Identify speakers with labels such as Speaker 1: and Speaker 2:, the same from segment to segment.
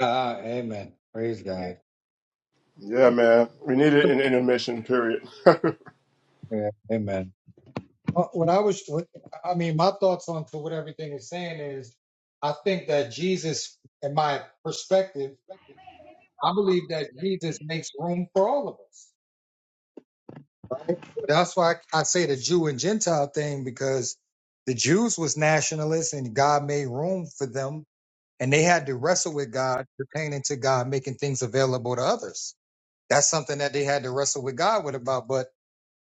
Speaker 1: Ah, amen. Praise God.
Speaker 2: Yeah, man. We needed an intermission period.
Speaker 1: Yeah, amen. Uh, When I was, when- I mean, my thoughts on to what everything is saying is, I think that Jesus, in my perspective, I believe that Jesus makes room for all of us. Right? That's why I, I say the Jew and Gentile thing because the Jews was nationalists and God made room for them, and they had to wrestle with God, pertaining to God making things available to others. That's something that they had to wrestle with God with about, but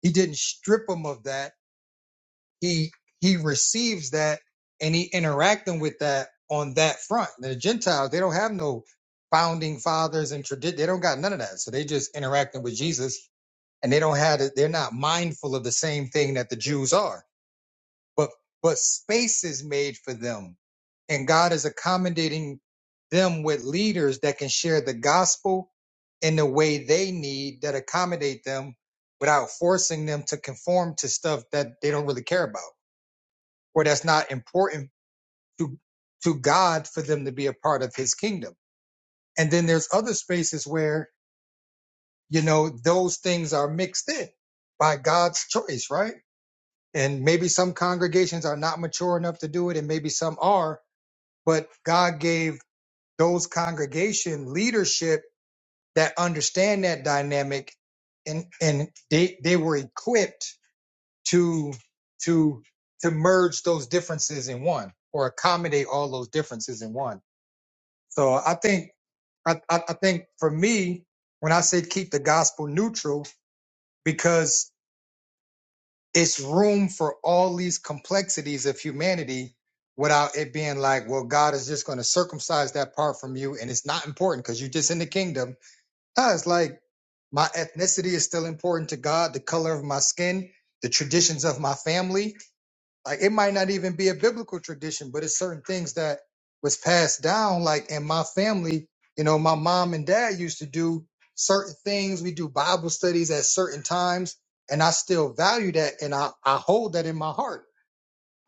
Speaker 1: He didn't strip them of that he he receives that and he interacting with that on that front. The Gentiles they don't have no founding fathers and tradition. They don't got none of that. So they just interacting with Jesus and they don't have it. They're not mindful of the same thing that the Jews are. But but space is made for them, and God is accommodating them with leaders that can share the gospel in the way they need that accommodate them without forcing them to conform to stuff that they don't really care about or that's not important to to God for them to be a part of his kingdom. And then there's other spaces where, you know, those things are mixed in by God's choice, right? And maybe some congregations are not mature enough to do it and maybe some are, but God gave those congregation leadership that understand that dynamic and and they they were equipped to to to merge those differences in one or accommodate all those differences in one So I think I, I, I think for me, when I said keep the gospel neutral, because it's room for all these complexities of humanity without it being like, well, God is just going to circumcise that part from you and it's not important because you're just in the kingdom. No, it's like my ethnicity is still important to God, the color of my skin, the traditions of my family like it might not even be a biblical tradition, but it's certain things that was passed down. Like in my family, you know, my mom and dad used to do certain things. We do Bible studies at certain times, and I still value that, and I I hold that in my heart.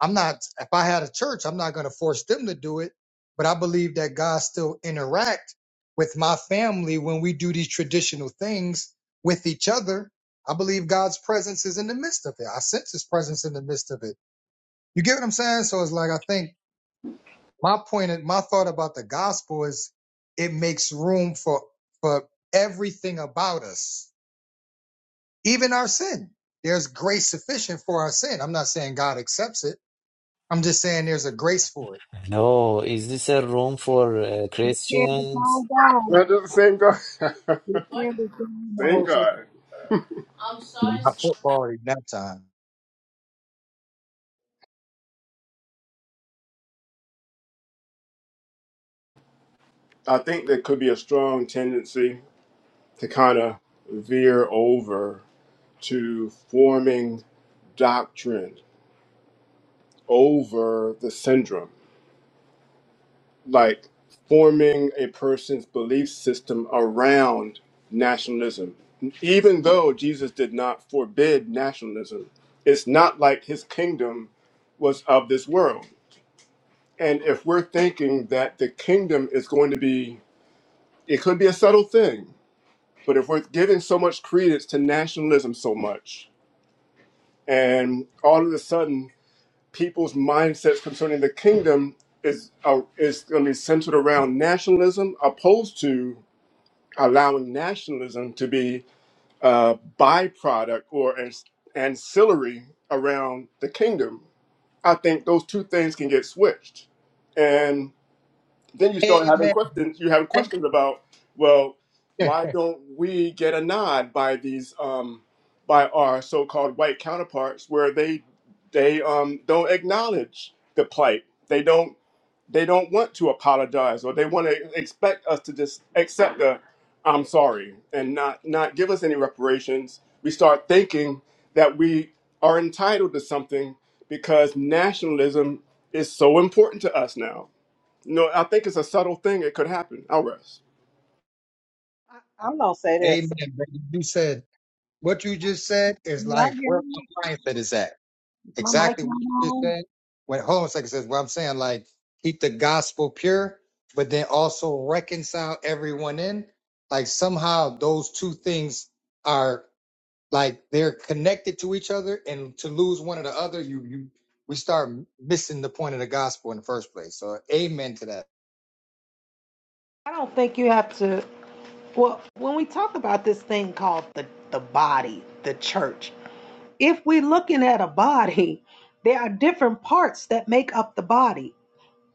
Speaker 1: I'm not if I had a church, I'm not going to force them to do it, but I believe that God still interact with my family when we do these traditional things with each other. I believe God's presence is in the midst of it. I sense His presence in the midst of it. You get what I'm saying? So it's like I think my point, point, my thought about the gospel is it makes room for for everything about us, even our sin. There's grace sufficient for our sin. I'm not saying God accepts it. I'm just saying there's a grace for it.
Speaker 3: No, is this a room
Speaker 4: It
Speaker 3: for uh,
Speaker 4: depends
Speaker 3: Christians?
Speaker 4: upon God.
Speaker 2: Not the same God.
Speaker 4: It depends upon
Speaker 2: same
Speaker 4: Moses.
Speaker 2: God.
Speaker 1: I football already nap time.
Speaker 2: I think there could be a strong tendency to kind of veer over to forming doctrine over the syndrome, like forming a person's belief system around nationalism. Even though Jesus did not forbid nationalism, it's not like his kingdom was of this world. And if we're thinking that the kingdom is going to be, it could be a subtle thing, but if we're giving so much credence to nationalism so much, and all of a sudden people's mindsets concerning the kingdom is uh, is going to be centered around nationalism, opposed to allowing nationalism to be a byproduct or an ancillary around the kingdom, I think those two things can get switched then you start having
Speaker 1: Amen.
Speaker 2: questions. You have questions about, well, why don't we get a nod by these um, by our so-called white counterparts, where they they um, don't acknowledge the plight. They don't they don't want to apologize, or they want to expect us to just accept the I'm sorry and not not give us any reparations. We start thinking that we are entitled to something because nationalism is so important to us now no, I think it's a subtle thing. It could happen. I'll rest.
Speaker 4: I, I'm gonna say this.
Speaker 1: Amen. But you said what you just said is
Speaker 4: Can Y'all
Speaker 1: like
Speaker 4: hear
Speaker 1: where
Speaker 4: me?
Speaker 1: my mindset is at.
Speaker 4: Is my mic
Speaker 1: exactly what you
Speaker 4: not
Speaker 1: just
Speaker 4: on?
Speaker 1: said. When hold on a second. says what I'm saying, like keep the gospel pure, but then also reconcile everyone in. Like somehow those two things are like they're connected to each other, and to lose one or the other, you you we start missing the point of the gospel in the first place. So amen to that.
Speaker 4: I don't think you have to. Well, when we talk about this thing called the the body, the church, if we're looking at a body, there are different parts that make up the body.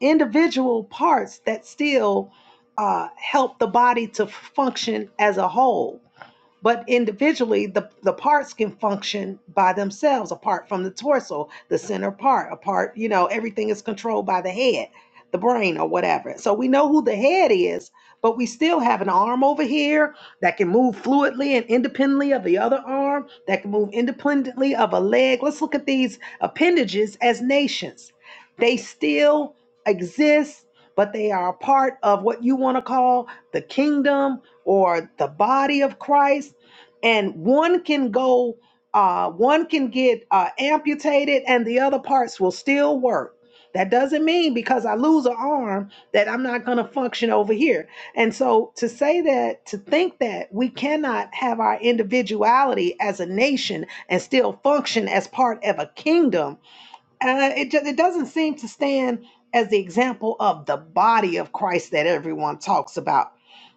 Speaker 4: Individual parts that still uh, help the body to function as a whole. but individually the, the parts can function by themselves apart from the torso the center part apart you know everything is controlled by the head the brain or whatever so we know who the head is but we still have an arm over here that can move fluidly and independently of the other arm that can move independently of a leg let's look at these appendages as nations they still exist but they are a part of what you want to call the kingdom or the body of Christ and one can go uh one can get uh amputated and the other parts will still work that doesn't mean because i lose an arm that i'm not going to function over here and so to say that to think that we cannot have our individuality as a nation and still function as part of a kingdom uh, it, ju- it doesn't seem to stand as the example of the body of christ that everyone talks about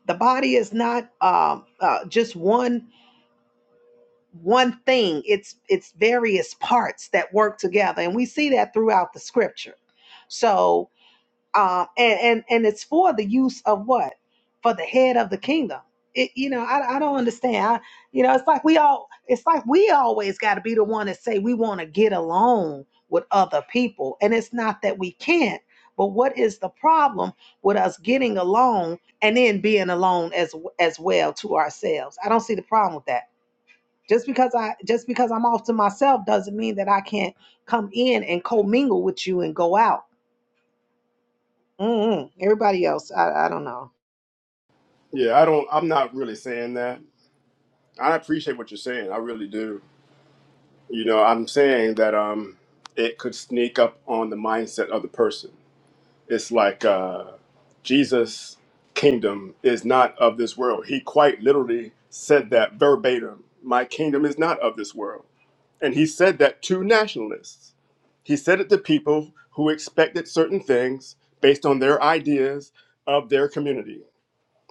Speaker 4: the body is not um, uh, just one one thing it's it's various parts that work together and we see that throughout the scripture so um and and, and it's for the use of what for the head of the kingdom it, you know I, I don't understand I, you know it's like we all it's like we always got to be the one that say we want to get along with other people and it's not that we can't but what is the problem with us getting along and then being alone as as well to ourselves i don't see the problem with that just because I just because I'm off to myself doesn't mean that I can't come in and commingle with you and go out. Mm-mm. Everybody else, I, I don't know.
Speaker 2: Yeah, I don't. I'm not really saying that. I appreciate what you're saying. I really do. You know, I'm saying that um, it could sneak up on the mindset of the person. It's like uh, Jesus' kingdom is not of this world. He quite literally said that verbatim. My kingdom is not of this world, and he said that to nationalists. He said it to people who expected certain things based on their ideas of their community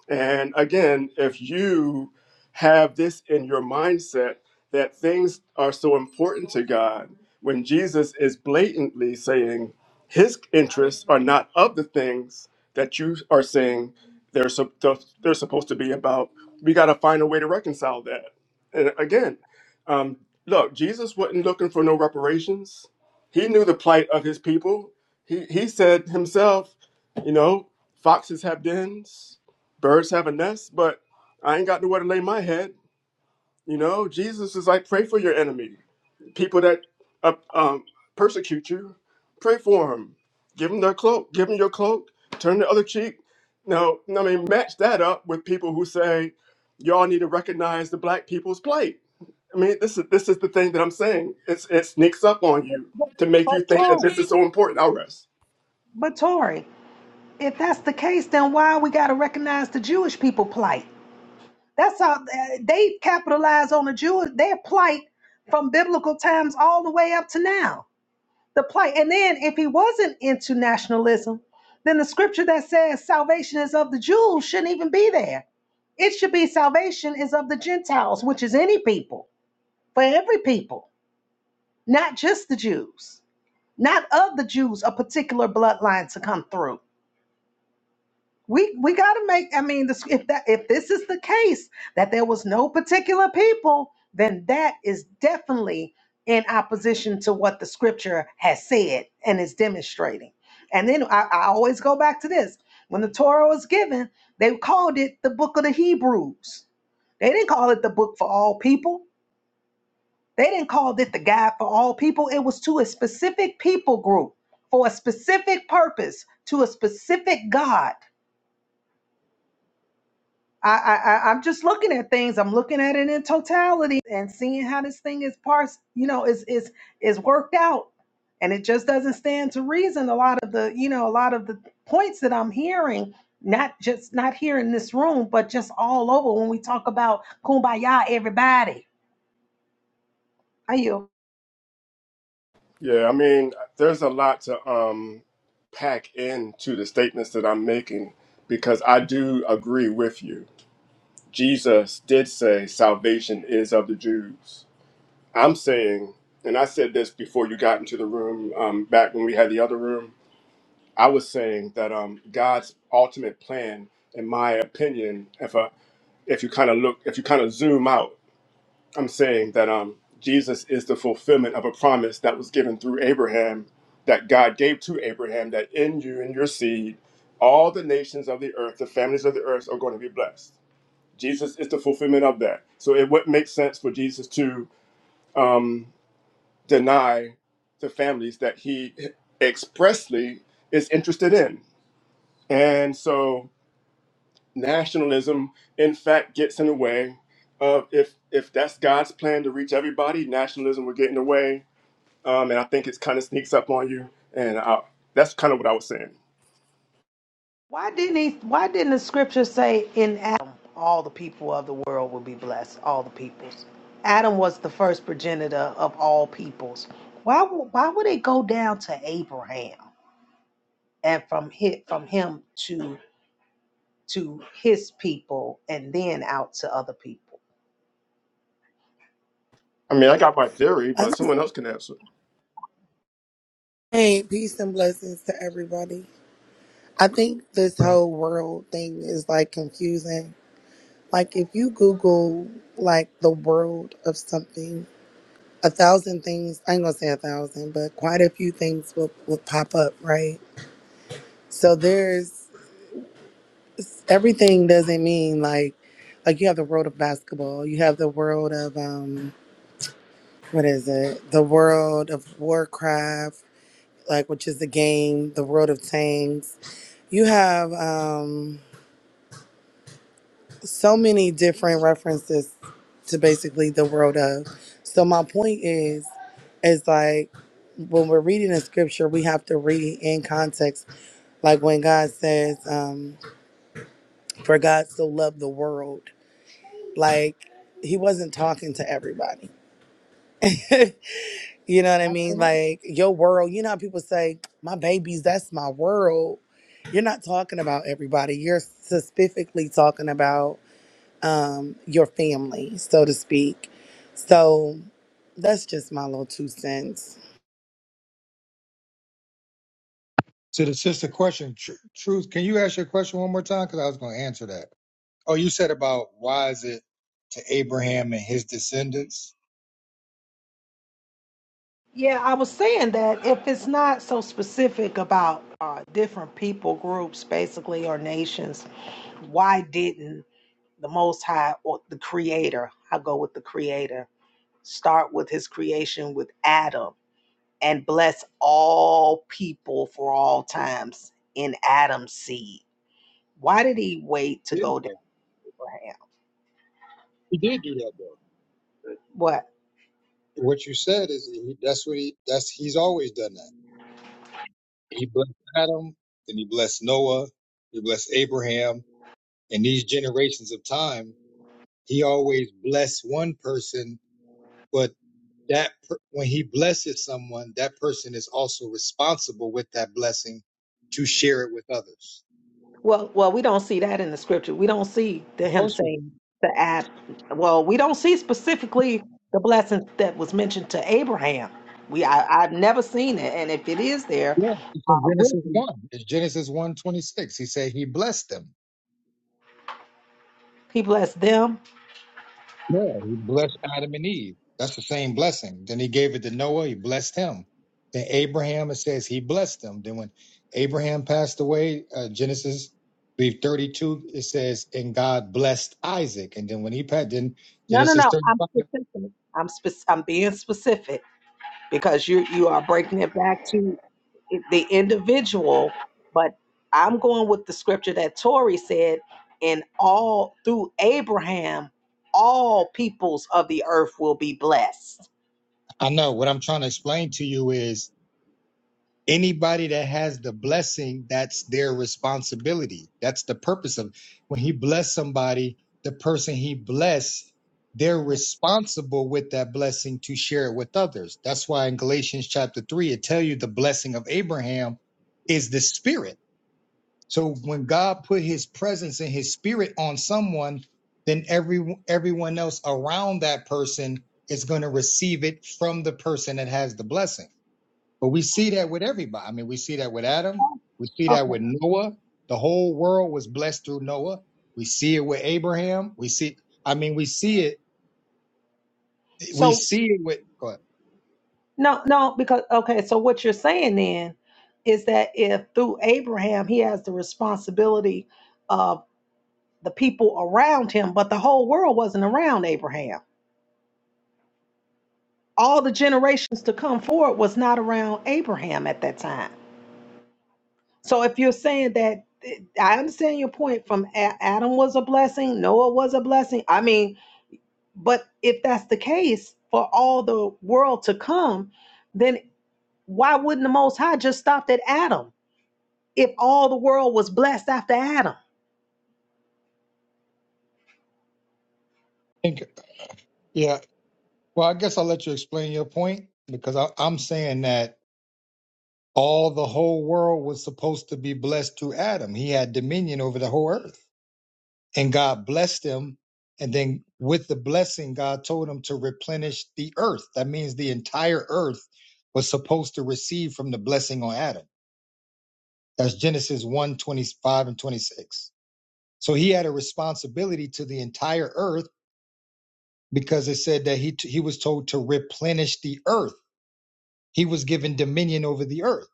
Speaker 2: And again, if you have this in your mindset that things are so important to God, when Jesus is blatantly saying his interests are not of the things that you are saying they're, sup- they're supposed to be about, we got to find a way to reconcile that. And again, um, look, Jesus wasn't looking for no reparations. He knew the plight of his people. He, he said himself, you know, foxes have dens Birds have a nest, but I ain't got nowhere to lay my head. You know, Jesus is like, pray for your enemy, people that uh, um, persecute you. Pray for them. Give them their cloak. Give them your cloak. Turn the other cheek. Now, I mean, match that up with people who say, y'all need to recognize the black people's plight. I mean, this is this is the thing that I'm saying. It's, it sneaks up on
Speaker 4: But,
Speaker 2: you
Speaker 4: but,
Speaker 2: to make
Speaker 4: but
Speaker 2: you think
Speaker 4: Tori,
Speaker 2: that this is so important. I'll rest.
Speaker 4: but Tori, if that's the case, then why we got to recognize the Jewish people plight? That's how they capitalize on the Jewish their plight from biblical times all the way up to now. the plight. And then if he wasn't into nationalism, then the scripture that says salvation is of the Jews shouldn't even be there. It should be salvation is of the Gentiles, which is any people, for every people, not just the Jews, not of the Jews, a particular bloodline to come through we we got to make. I mean, this, if that if this is the case that there was no particular people, then that is definitely in opposition to what the scripture has said and is demonstrating. And then I, I always go back to this: when the Torah was given, they called it the Book of the Hebrews. They didn't call it the book for all people. They didn't call it the guide for all people. It was to a specific people group for a specific purpose to a specific God. I, I, I- am just looking at things. I'm looking at it in totality and seeing how this thing is parsed, you know, is is is worked out. And it just doesn't stand to reason. A lot of the, you know, a lot of the points that I'm hearing, not just not here in this room, but just all over when we talk about kumbaya, everybody. Are you?
Speaker 2: Yeah, I mean, there's a lot to um, pack into the statements that I'm making because I do agree with you. Jesus did say salvation is of the Jews. I'm saying, and I said this before you got into the room, um, back when we had the other room, I was saying that um, God's ultimate plan, in my opinion, if, I, if you kind of look, if you kind of zoom out, I'm saying that um, Jesus is the fulfillment of a promise that was given through Abraham, that God gave to Abraham, that in you and your seed, all the nations of the earth, the families of the earth are going to be blessed. Jesus is the fulfillment of that. So it would make sense for Jesus to um, deny the families that he expressly is interested in. And so nationalism in fact gets in the way of if if that's God's plan to reach everybody, nationalism would get in the way, um, and I think it's kind of sneaks up on you. And I, that's kind of what I was saying.
Speaker 4: Why didn't he? Why didn't the scripture say in Adam all the people of the world will be blessed? All the peoples. Adam was the first progenitor of all peoples. Why? wo- Why would it go down to Abraham and from hit from him to to his people and then out to other people?
Speaker 2: I mean, I got my theory,
Speaker 5: I'm
Speaker 2: but someone else can answer.
Speaker 5: saying peace and blessings to everybody. I think this
Speaker 1: Uh,
Speaker 5: whole world thing is like confusing. Like if you Google like the world of something, a thousand things, I ain't gonna say a thousand, but quite a few things will, will pop up, right? So there's everything doesn't mean like like you have the world of basketball, you have the world of um what is it? The world of Warcraft, like which is the game, the world of Tanks You have um, so many different references to basically the world of. So my point is, is like when we're reading the scripture, we have to read it in context. Like when God says, um, "For God so loved the world," like He wasn't talking to everybody. you know what I mean? Like your world. You know how people say, "My babies, that's my world." You're not talking about everybody. You're specifically talking about um, your family, so to speak. So that's just my little two cents.
Speaker 1: To the sister question, tr- truth, can you ask your question one more time? Because I was going to answer that. Oh, you said about why is it to Abraham and his descendants?
Speaker 4: Yeah, I was saying that if it's not so specific about uh, different people groups, basically, or nations, why didn't the Most High or the Creator, I go with the Creator, start with his creation with Adam and bless all people for all times in Adam's seed? Why did he wait to go to Abraham?
Speaker 1: He did do that though.
Speaker 4: What?
Speaker 1: What you said is he, that's what he that's he's always done that. He blessed Adam, then he blessed Noah, he blessed Abraham, and these generations of time, he always blessed one person, but that per, when he blesses someone, that person is also responsible with that blessing to share it with others.
Speaker 4: Well, well, we don't see that in the scripture. We don't see the
Speaker 1: Of
Speaker 4: him
Speaker 1: course we do.
Speaker 4: saying to Ad. Well, we don't see specifically the blessing that was mentioned to Abraham. We, I, I've never seen it, and if it is there,
Speaker 1: Yeah, it's in
Speaker 4: uh, written,
Speaker 1: Genesis one. It's Genesis one twenty six. He said he blessed them.
Speaker 4: he blessed them.
Speaker 1: Yeah, he blessed Adam and Eve. That's the same blessing. Then he gave it to Noah. He blessed him. Then Abraham, it says he blessed him. Then when Abraham passed away, uh, Genesis, I believe 32, it says, and God blessed Isaac. And then when he passed, then
Speaker 4: No, no,
Speaker 1: Genesis
Speaker 4: no. I'm
Speaker 1: 35.
Speaker 4: specific. I'm spec- I'm being specific. because you you are breaking it back to the individual. But I'm going with the scripture that Tori said, and all through Abraham, all peoples of the earth will be blessed.
Speaker 1: I know what I'm trying to explain to you is anybody that has the blessing that's their responsibility that's the purpose of when he bless somebody the person he blessed they're
Speaker 4: Mhm.
Speaker 1: responsible with that blessing to share it with others that's why in galatians chapter 3 it tell you the blessing of abraham is the spirit so when god put his presence and his spirit on someone then every everyone else around that person is going to receive it from the person that has the blessing but we see that with everybody. I mean, we see that with Adam. We see that
Speaker 4: Okay.
Speaker 1: with Noah. The whole world was blessed through Noah. We see it with Abraham. We see, I mean, we see it. We
Speaker 4: So
Speaker 1: see it with, go ahead.
Speaker 4: no, no, because okay, so what you're saying then is that if through Abraham he has the responsibility of the people around him, but the whole world wasn't around Abraham. all the generations to come forward was not around Abraham at that time. So if you're saying that, eh, I understand your point from A- Adam was a blessing, Noah was a blessing. I mean, but if that's the case for all the world to come, then why wouldn't the Most High just stop at Adam if all the world was blessed after Adam?
Speaker 1: yeah. Well, I guess I'll let you explain your point because I, I'm saying that all the whole world was supposed to be blessed through Adam. He had dominion over the whole earth. and God blessed them. And then with the blessing, God told them to replenish the earth. That means the entire earth was supposed to receive from the blessing on Adam. That's Genesis one 25 and 26. So he had a responsibility to the entire earth because it said that he, he was told to replenish the earth. He was given dominion over the earth.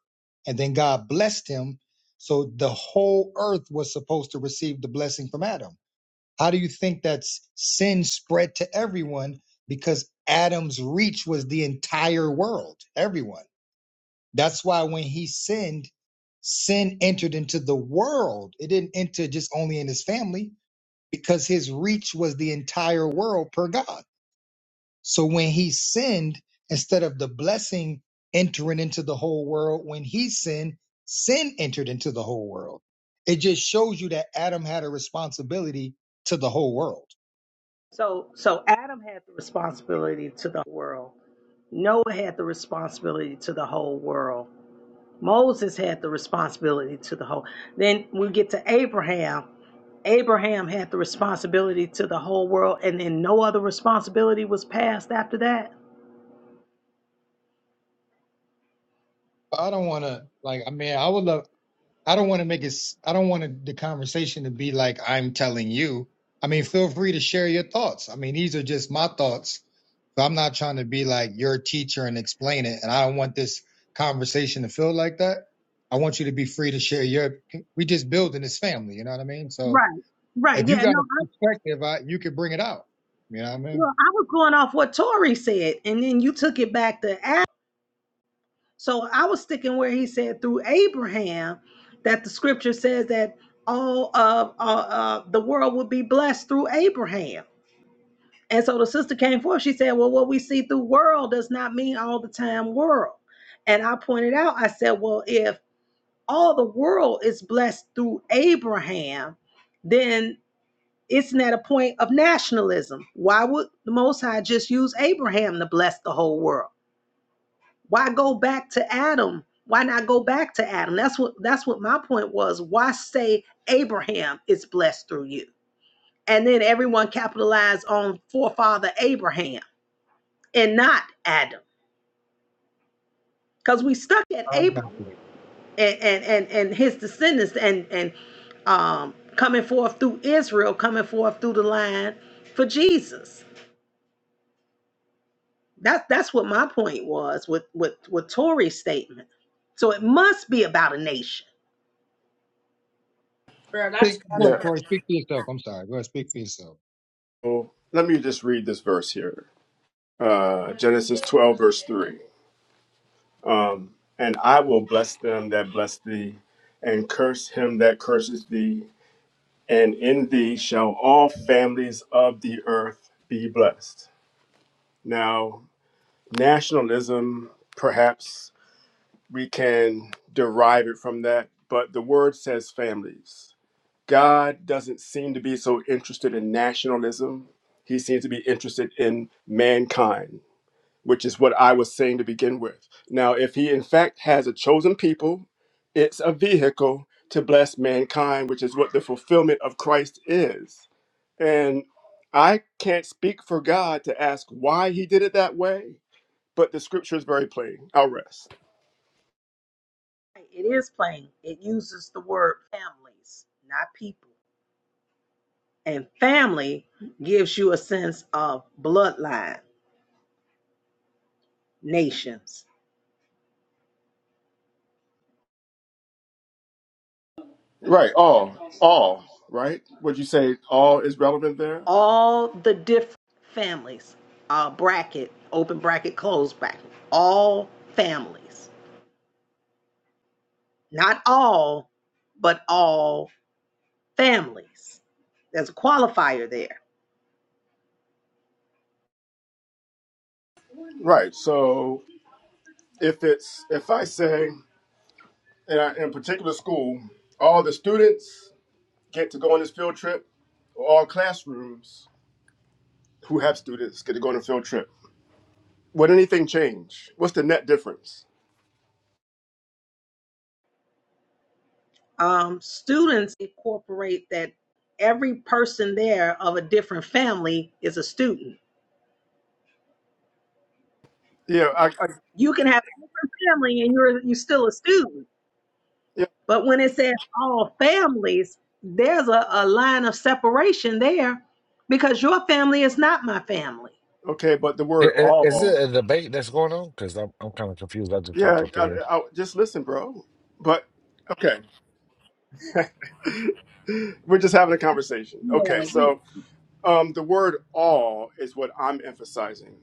Speaker 1: And then God blessed him. So the whole earth was supposed to receive the blessing from Adam How do you think that s- sin spread to everyone? Because Adam's reach was the entire world, everyone. That's why when he sinned, sin entered into the world. It didn't enter just only in his family because his reach was the entire world per God. So when he sinned, instead of the blessing entering into the whole world, when he sinned, sin entered into the whole world. It just shows you that Adam had a responsibility to the whole world
Speaker 4: So, so Adam had the responsibility to the world. Noah had the responsibility to the whole world. Moses had the responsibility to the whole. Then we get to Abraham. Abraham had the responsibility to the whole world, and then no other responsibility was passed after that.
Speaker 1: I don't want to like. I mean, I would love. I don't want to make it. s- I don't want the conversation to be like I'm telling you. I mean, feel free to share your thoughts. I mean, these are just my thoughts. So I'm not trying to be like your teacher and explain it. And I don't want this conversation to feel like that. I want you to be free to share your. We just building this family. You know what I mean? So
Speaker 4: Right. Right.
Speaker 1: if you
Speaker 4: Yeah.
Speaker 1: got a
Speaker 4: No.
Speaker 1: perspective, I, you could bring it out. You know what I
Speaker 4: Well,
Speaker 1: mean?
Speaker 4: I was going off what Tori said, and then you took it back to Adam. So I was sticking where he said through Abraham that the scripture says that all of uh, uh, the world would be blessed through Abraham. And so the sister came forth. She said, Well, what we see through world does not mean all the time world. And I pointed out, I said, Well, if all the world is blessed through Abraham, then it's not a point of nationalism. Why would the Most High just use Abraham to bless the whole world? Why go back to Adam? Why not go back to Adam? That's what that's what my point was. Why say Abraham is blessed through you? And then everyone capitalized on forefather Abraham and not Adam. Because we stuck at
Speaker 1: I got
Speaker 4: Abraham
Speaker 1: you.
Speaker 4: and, and, and, and his descendants and, and um, coming forth through Israel, coming forth through the line for Jesus. That's that's what my point was with, with, with Tory's statement. So it must be about a nation.
Speaker 1: Think, go
Speaker 2: Yeah.
Speaker 1: ahead, Corey, speak for yourself. I'm sorry. Go ahead, speak for yourself.
Speaker 2: So let me just read this verse here, uh, Genesis twelve verse three. Um, and I will bless them that bless thee, and curse him that curses thee, and in thee shall all families of the earth be blessed. Now, nationalism, perhaps we can derive it from that, but the word says families. God doesn't seem to be so interested in nationalism. He seems to be interested in mankind, which is what I was saying to begin with. Now, if he in fact has a chosen people, it's a vehicle to bless mankind, which is what the fulfillment of Christ is and I can't speak for God to ask why he did it that way, but the scripture is very plain. I'll rest.
Speaker 4: It is plain. It uses the word families, not people. And family gives you a sense of bloodline, nations.
Speaker 2: Right, all, all, right? Would you say all is relevant there?
Speaker 4: all the different families, uh, bracket, open bracket, closed bracket, all families, not all, but all families. There's a qualifier there.
Speaker 2: Right. So if it's if I say in a, in a particular school, all the students get to go on this field trip, or all classrooms who have students get to go on a field trip. Would anything change? What's the net difference?
Speaker 4: Um, students incorporate that every person there of a different family is a student.
Speaker 2: Yeah, I, I
Speaker 4: You can have a different family and you're you're still a student.
Speaker 2: yeah,
Speaker 4: But when it says all families, there's a, a line of separation there because your family is not my family.
Speaker 2: okay, but the
Speaker 6: I-
Speaker 2: word
Speaker 6: I- Is
Speaker 2: all
Speaker 6: it a debate that's going on? Because I'm I'm kind of confused. I just
Speaker 2: Yeah,
Speaker 6: hopped up
Speaker 2: I,
Speaker 6: here.
Speaker 2: I, just listen, bro. But okay, we're just having a conversation.
Speaker 4: Yeah.
Speaker 2: Okay, so um, the word "all" is what I'm emphasizing.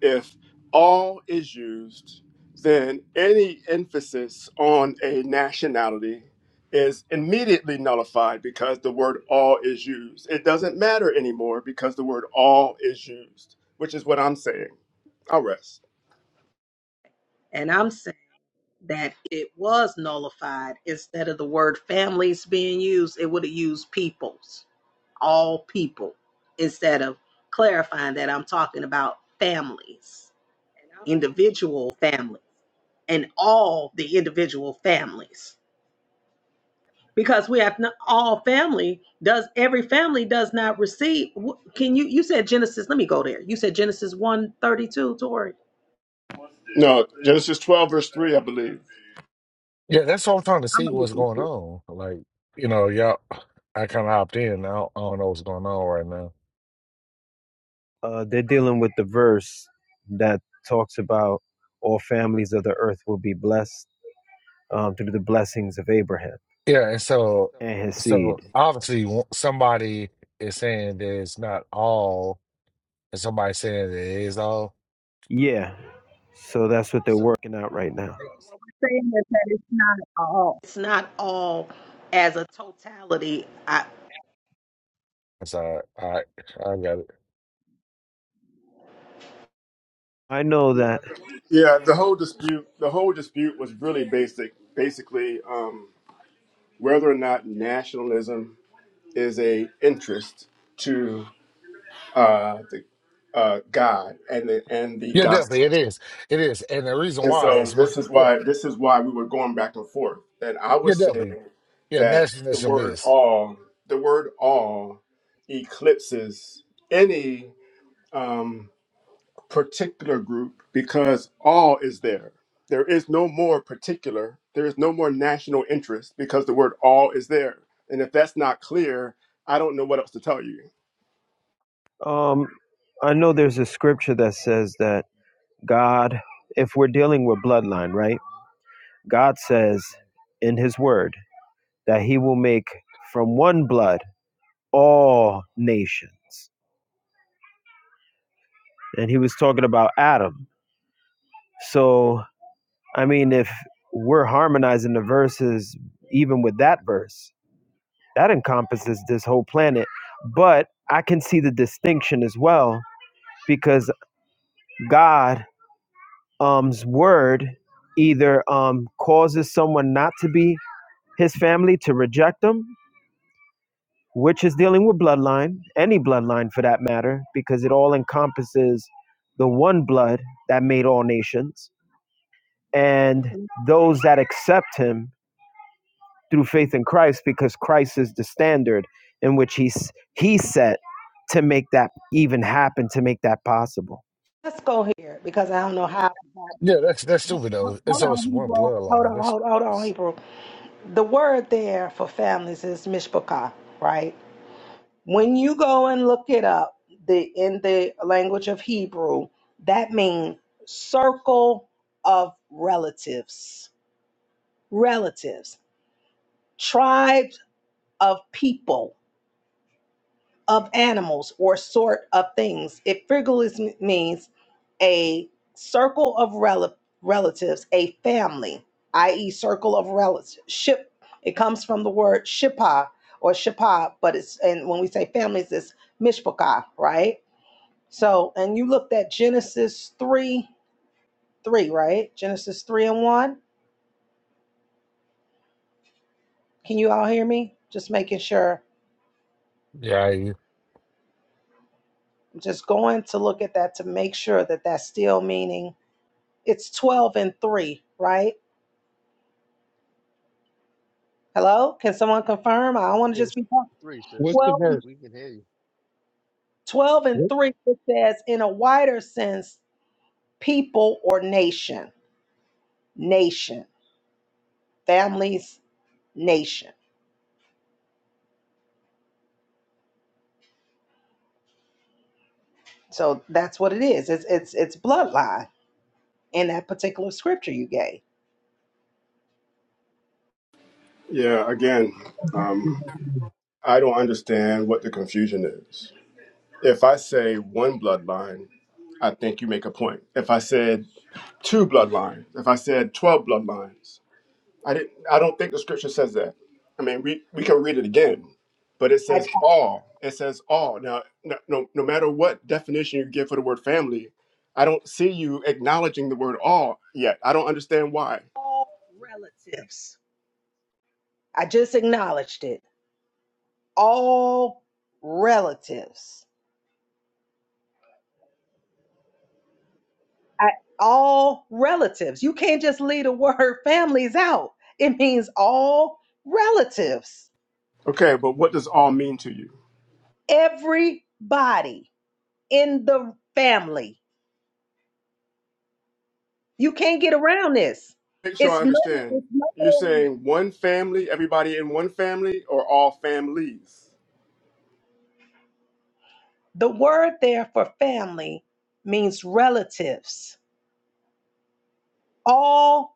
Speaker 2: If "all" is used, then any emphasis on a nationality is immediately nullified because the word "all" is used. It doesn't matter anymore because the word "all" is used, which is what I'm saying. I'll rest.
Speaker 4: And I'm saying that it was nullified instead of the word families being used, it would have used peoples, all people, instead of clarifying that I'm talking about families, individual families, and all the individual families. because we have not, all family does every family does not receive can you you said genesis let me go there you said genesis 132 tori
Speaker 2: No, Genesis 12 verse 3, I believe.
Speaker 6: Yeah, that's what I'm trying to
Speaker 4: I'm
Speaker 6: see what's going on. Like, you know, y'all, I kind of hopped in. I don't, I don't know what's going on right now.
Speaker 7: uh, they're dealing with the verse that talks about all families of the earth will be blessed um, through the blessings of Abraham
Speaker 6: Yeah, and so,
Speaker 7: and his
Speaker 6: so
Speaker 7: seed.
Speaker 6: obviously w- somebody is saying that it's not all, and somebody saying that it is all.
Speaker 7: Yeah, so that's what they're working out right now.
Speaker 4: saying that that it's not all it's not all as a totality I,
Speaker 6: It's all right. I I got it.
Speaker 7: I know that.
Speaker 2: Yeah, the whole dispute the whole dispute was really basic basically um, whether or not nationalism is a interest to uh, the uh, God and the and the
Speaker 6: Yeah, definitely
Speaker 2: gospel.
Speaker 6: it is. It is, and the reason
Speaker 2: And
Speaker 6: why
Speaker 2: so
Speaker 6: is because,
Speaker 2: this is
Speaker 6: yeah,
Speaker 2: why this is why we were going back and forth. And I
Speaker 6: yeah,
Speaker 2: was
Speaker 6: definitely.
Speaker 2: saying
Speaker 6: Yeah,
Speaker 2: that the
Speaker 6: nationalism
Speaker 2: word
Speaker 6: is.
Speaker 2: all the word all eclipses any Um, particular group because all is there. There is no more particular. There is no more national interest because the word all is there. And if that's not clear, I don't know what else to tell you.
Speaker 7: Um, I know there's a scripture that says that God, if we're dealing with bloodline, right? God says in His Word that He will make from one blood all nations, and He was talking about Adam. So I mean, if we're harmonizing the verses, even with that verse, that encompasses this whole planet. But I can see the distinction as well because God's word either um causes someone not to be his family to reject them, which is dealing with bloodline, any bloodline for that matter, because it all encompasses the one blood that made all nations, and those that accept him through faith in Christ because Christ is the standard in which he's he set to make that even happen to make that possible.
Speaker 4: let's go here because i don't know how
Speaker 6: Yeah, that's that's stupid though. It's
Speaker 4: hold on
Speaker 6: always one
Speaker 4: hebrew hold
Speaker 6: bloodline.
Speaker 4: on
Speaker 6: That's,
Speaker 4: hold, hold on
Speaker 6: that's
Speaker 4: hebrew the word there for families is mishpachah right When you go and look it up, the in the language of Hebrew, that means circle of relatives, relatives, tribes of people, of animals, or sort of things. It figuratively means a circle of rel- relatives, a family, i.e., circle of relatives. Ship. It comes from the word shippa or shippa, but it's and when we say families, it's mishpacha, right? So, and you looked at Genesis 3 3, right? Genesis 3 and 1. Can you all hear me? Just making sure.
Speaker 6: yeah.
Speaker 4: I'm just going to look at that to make sure that that's still meaning it's 12 and 3, right? Hello? Can someone confirm? I don't want to
Speaker 8: Yes.
Speaker 4: just be talking.
Speaker 8: Three, sis.
Speaker 4: 12,
Speaker 1: What's the
Speaker 8: We we
Speaker 1: verse?
Speaker 8: we can hear you.
Speaker 4: twelve and
Speaker 1: What?
Speaker 4: 3, it says, in a wider sense, people or nation, nation, families, nation. So that's what it is. It's, it's, it's bloodline in that particular scripture you gave.
Speaker 2: Yeah, again, um, I don't understand what the confusion is. If I say one bloodline, I think you make a point. If I said two bloodlines, if I said 12 bloodlines, I didn't. I don't think the scripture says that. I mean, we we can read it again, but it
Speaker 4: I,
Speaker 2: says all. It says all. Now, no, no, no matter what definition you give for the word family, I don't see you acknowledging the word all yet. I don't understand why.
Speaker 4: all relatives. I just acknowledged it. All relatives. I, all relatives. You can't just leave the word families out. It means all relatives.
Speaker 2: Okay, but what does all mean to you?
Speaker 4: Everybody in the family. You can't get around this.
Speaker 2: Make sure I
Speaker 4: It's no.
Speaker 2: understand.
Speaker 4: It's
Speaker 2: You're
Speaker 4: no.
Speaker 2: saying one family, everybody in one family, or all families?
Speaker 4: The word there for family means relatives, all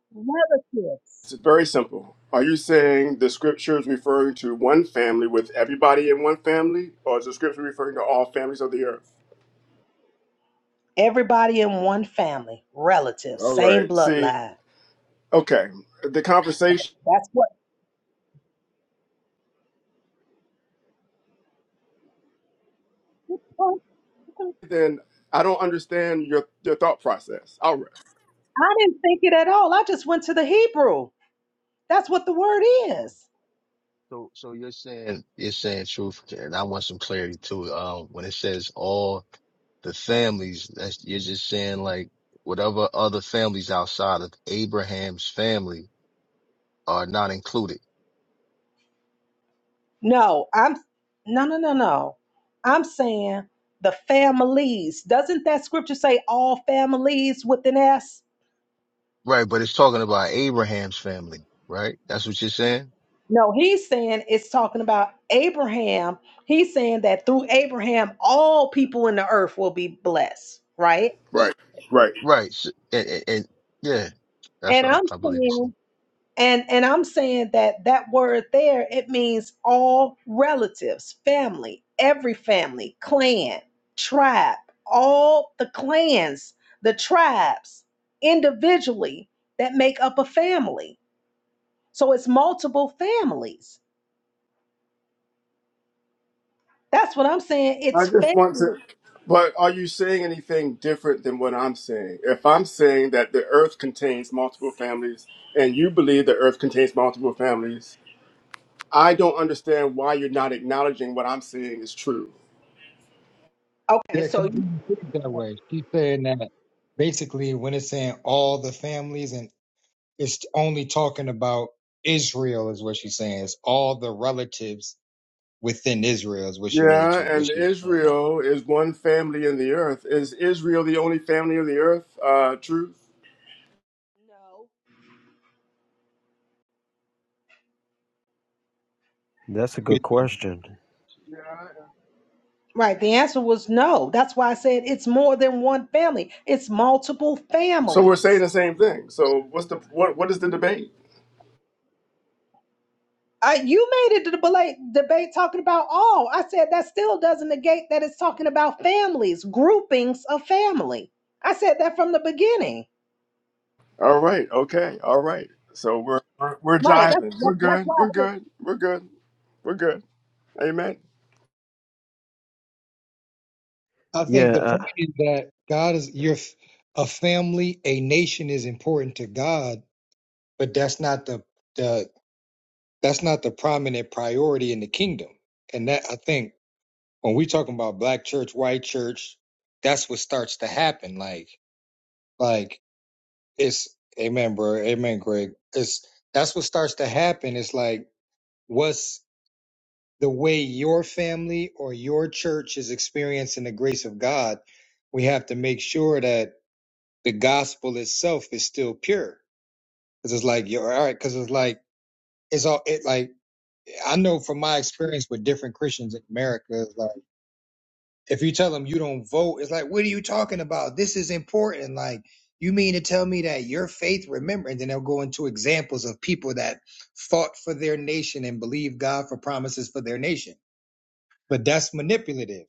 Speaker 2: It's
Speaker 4: relatives.
Speaker 2: very simple. Are you saying the scripture is referring to one family with everybody in one family, or is the scripture referring to all families of the earth?
Speaker 4: Everybody in one family, relatives,
Speaker 2: All
Speaker 4: same
Speaker 2: right. See,
Speaker 4: bloodline.
Speaker 2: okay. The conversation
Speaker 4: That's what
Speaker 2: then I don't understand your your thought process. All right.
Speaker 4: I didn't think it at all. I just went to the Hebrew. That's what the word
Speaker 8: Fine.
Speaker 4: is.
Speaker 8: So so you're saying you're saying truth, and I want some clarity too. Um, when it says all the families, that's you're just saying like whatever other families outside of Abraham's family are not included,
Speaker 4: No, I'm no, no, no, no. I'm saying the families. Doesn't that scripture say all families with an S?
Speaker 8: right? But it's talking about Abraham's family, right? That's what you're saying,
Speaker 4: No, he's saying it's talking about Abraham. He's saying that through Abraham, all people in the earth will be blessed, right?
Speaker 2: Right. Right.
Speaker 8: right? So, and, and, and yeah, that's
Speaker 4: And
Speaker 8: what I,
Speaker 4: I'm
Speaker 8: I believe you
Speaker 4: saying, and and I'm saying that that word there it means all relatives, family, every family, clan, tribe, all the clans, the tribes individually that make up a family. So it's multiple families. That's what I'm saying.
Speaker 2: I
Speaker 4: It's
Speaker 2: just want to
Speaker 4: family.
Speaker 2: but are you saying anything different than what I'm saying? If I'm saying that the earth contains multiple families and you believe the earth contains multiple families, I don't understand why you're not acknowledging what I'm saying is true.
Speaker 4: Okay,
Speaker 1: Yeah, 'cause
Speaker 4: so
Speaker 1: he put it that way. She's saying that basically when it's saying all the families and it's only talking about Israel is what she's saying. It's all the relatives within Israel is what she really
Speaker 2: Yeah,
Speaker 1: took, what
Speaker 2: and
Speaker 1: she's pointing out.
Speaker 2: Israel is one family in the earth. Is Israel the only family of the earth? Uh, truth?
Speaker 4: No.
Speaker 7: That's a good question.
Speaker 4: Right. The answer was no. That's why I said it's more than one family. It's multiple
Speaker 2: So we're saying
Speaker 4: families.
Speaker 2: the same thing. So what's the what what is the debate?
Speaker 4: I, you made a debate, debate talking about all. I said that still doesn't negate that it's talking about families, groupings of family. I said that from the beginning.
Speaker 2: All right, okay, all right. So we're we're, we're
Speaker 4: Right. That's,
Speaker 2: jiving. We're
Speaker 4: that's, that's
Speaker 2: good.
Speaker 4: why I
Speaker 2: We're
Speaker 4: said.
Speaker 2: good. We're good. We're good. Amen.
Speaker 1: I
Speaker 7: Yeah,
Speaker 1: think the point
Speaker 7: uh,
Speaker 1: is that God is your f- a family, a nation is important to God, but that's not the the that's not the prominent priority in the kingdom. And that I think when we talking about black church, white church, that's what starts to happen. Like Like it's amen, bro. Amen, Greg. It's that's what starts to happen. It's like what's the way your family or your church is experiencing the grace of God. We have to make sure that the gospel itself is still pure. Cause it's like you're all right. Cause it's like it's all it like I know from my experience with different Christians in America. It's like. if you tell them you don't vote, it's like, what are you talking about? This is important. Like, you mean to tell me that your faith, remember, and then they'll go into examples of people that fought for their nation and believed God for promises for their nation. But that's manipulative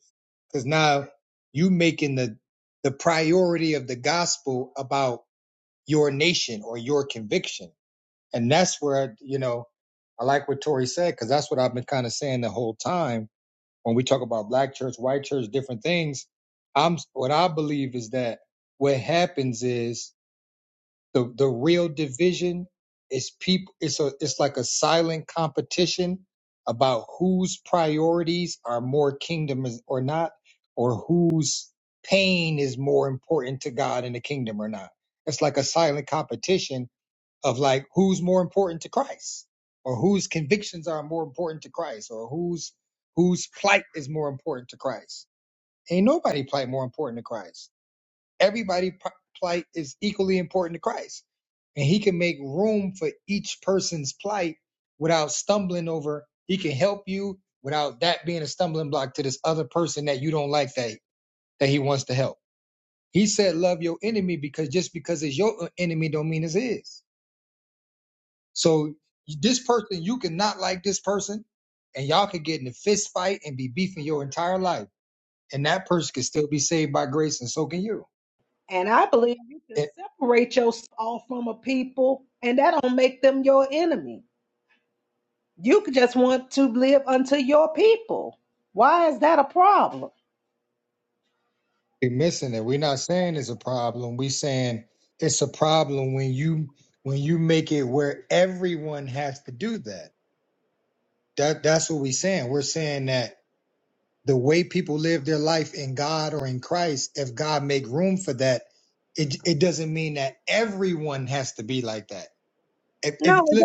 Speaker 1: because now you making the, the priority of the gospel about your nation or your conviction. And that's where, you know, I like what Tori said, because that's what I've been kind of saying the whole time when we talk about black church, white church, different things, I'm what I believe is that what happens is the the real division is people it's a it's like a silent competition about whose priorities are more kingdom is- or not or whose pain is more important to God in the kingdom or not. It's like a silent competition of like who's more important to Christ or whose convictions are more important to Christ or whose whose plight is more important to Christ. Ain't nobody plight more important to Christ. Everybody p- plight is equally important to Christ. And he can make room for each person's plight without stumbling over. He can help you without that being a stumbling block to this other person that you don't like that that he wants to help. He said love your enemy because just because it's your uh, enemy don't mean it's his so this person, you cannot like this person, and y'all could get in a fist fight and be beefing your entire life, and that person could still be saved by grace, and so can you.
Speaker 4: And I believe you can
Speaker 1: It,
Speaker 4: separate yourself from a people, and that don't make them your enemy. You could just want to live unto your people. Why is that a problem?
Speaker 1: you're missing it. We're not saying it's a problem. We're saying it's a problem when you when you make it where everyone has to do that. That that's what we're saying. We're saying that the way people live their life in God or in Christ, if God make room for that, it it doesn't mean that everyone has to be like that If
Speaker 4: No,
Speaker 1: if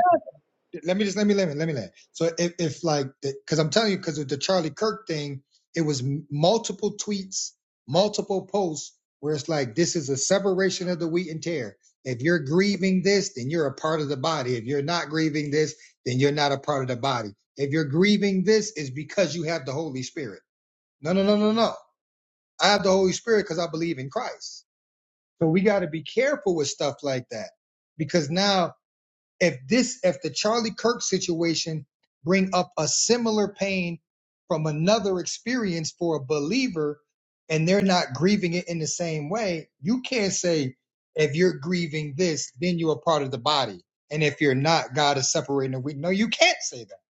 Speaker 1: let me just let me let me let me let. So if, if like because I'm telling you because with the Charlie Kirk thing, it was multiple tweets, multiple posts where it's like this is a separation of the wheat and tear. If you're grieving this, then you're a part of the body. If you're not grieving this, then you're not a part of the body. If you're grieving this, is because you have the Holy Spirit. No, no, no, no, no. I have the Holy Spirit because I believe in Christ. So we got to be careful with stuff like that because now if this if the charlie kirk situation bring up a similar pain from another experience for a believer and they're not grieving it in the same way you can't say if you're grieving this then you're part of the body and if you're not god is separating the weak no you can't say that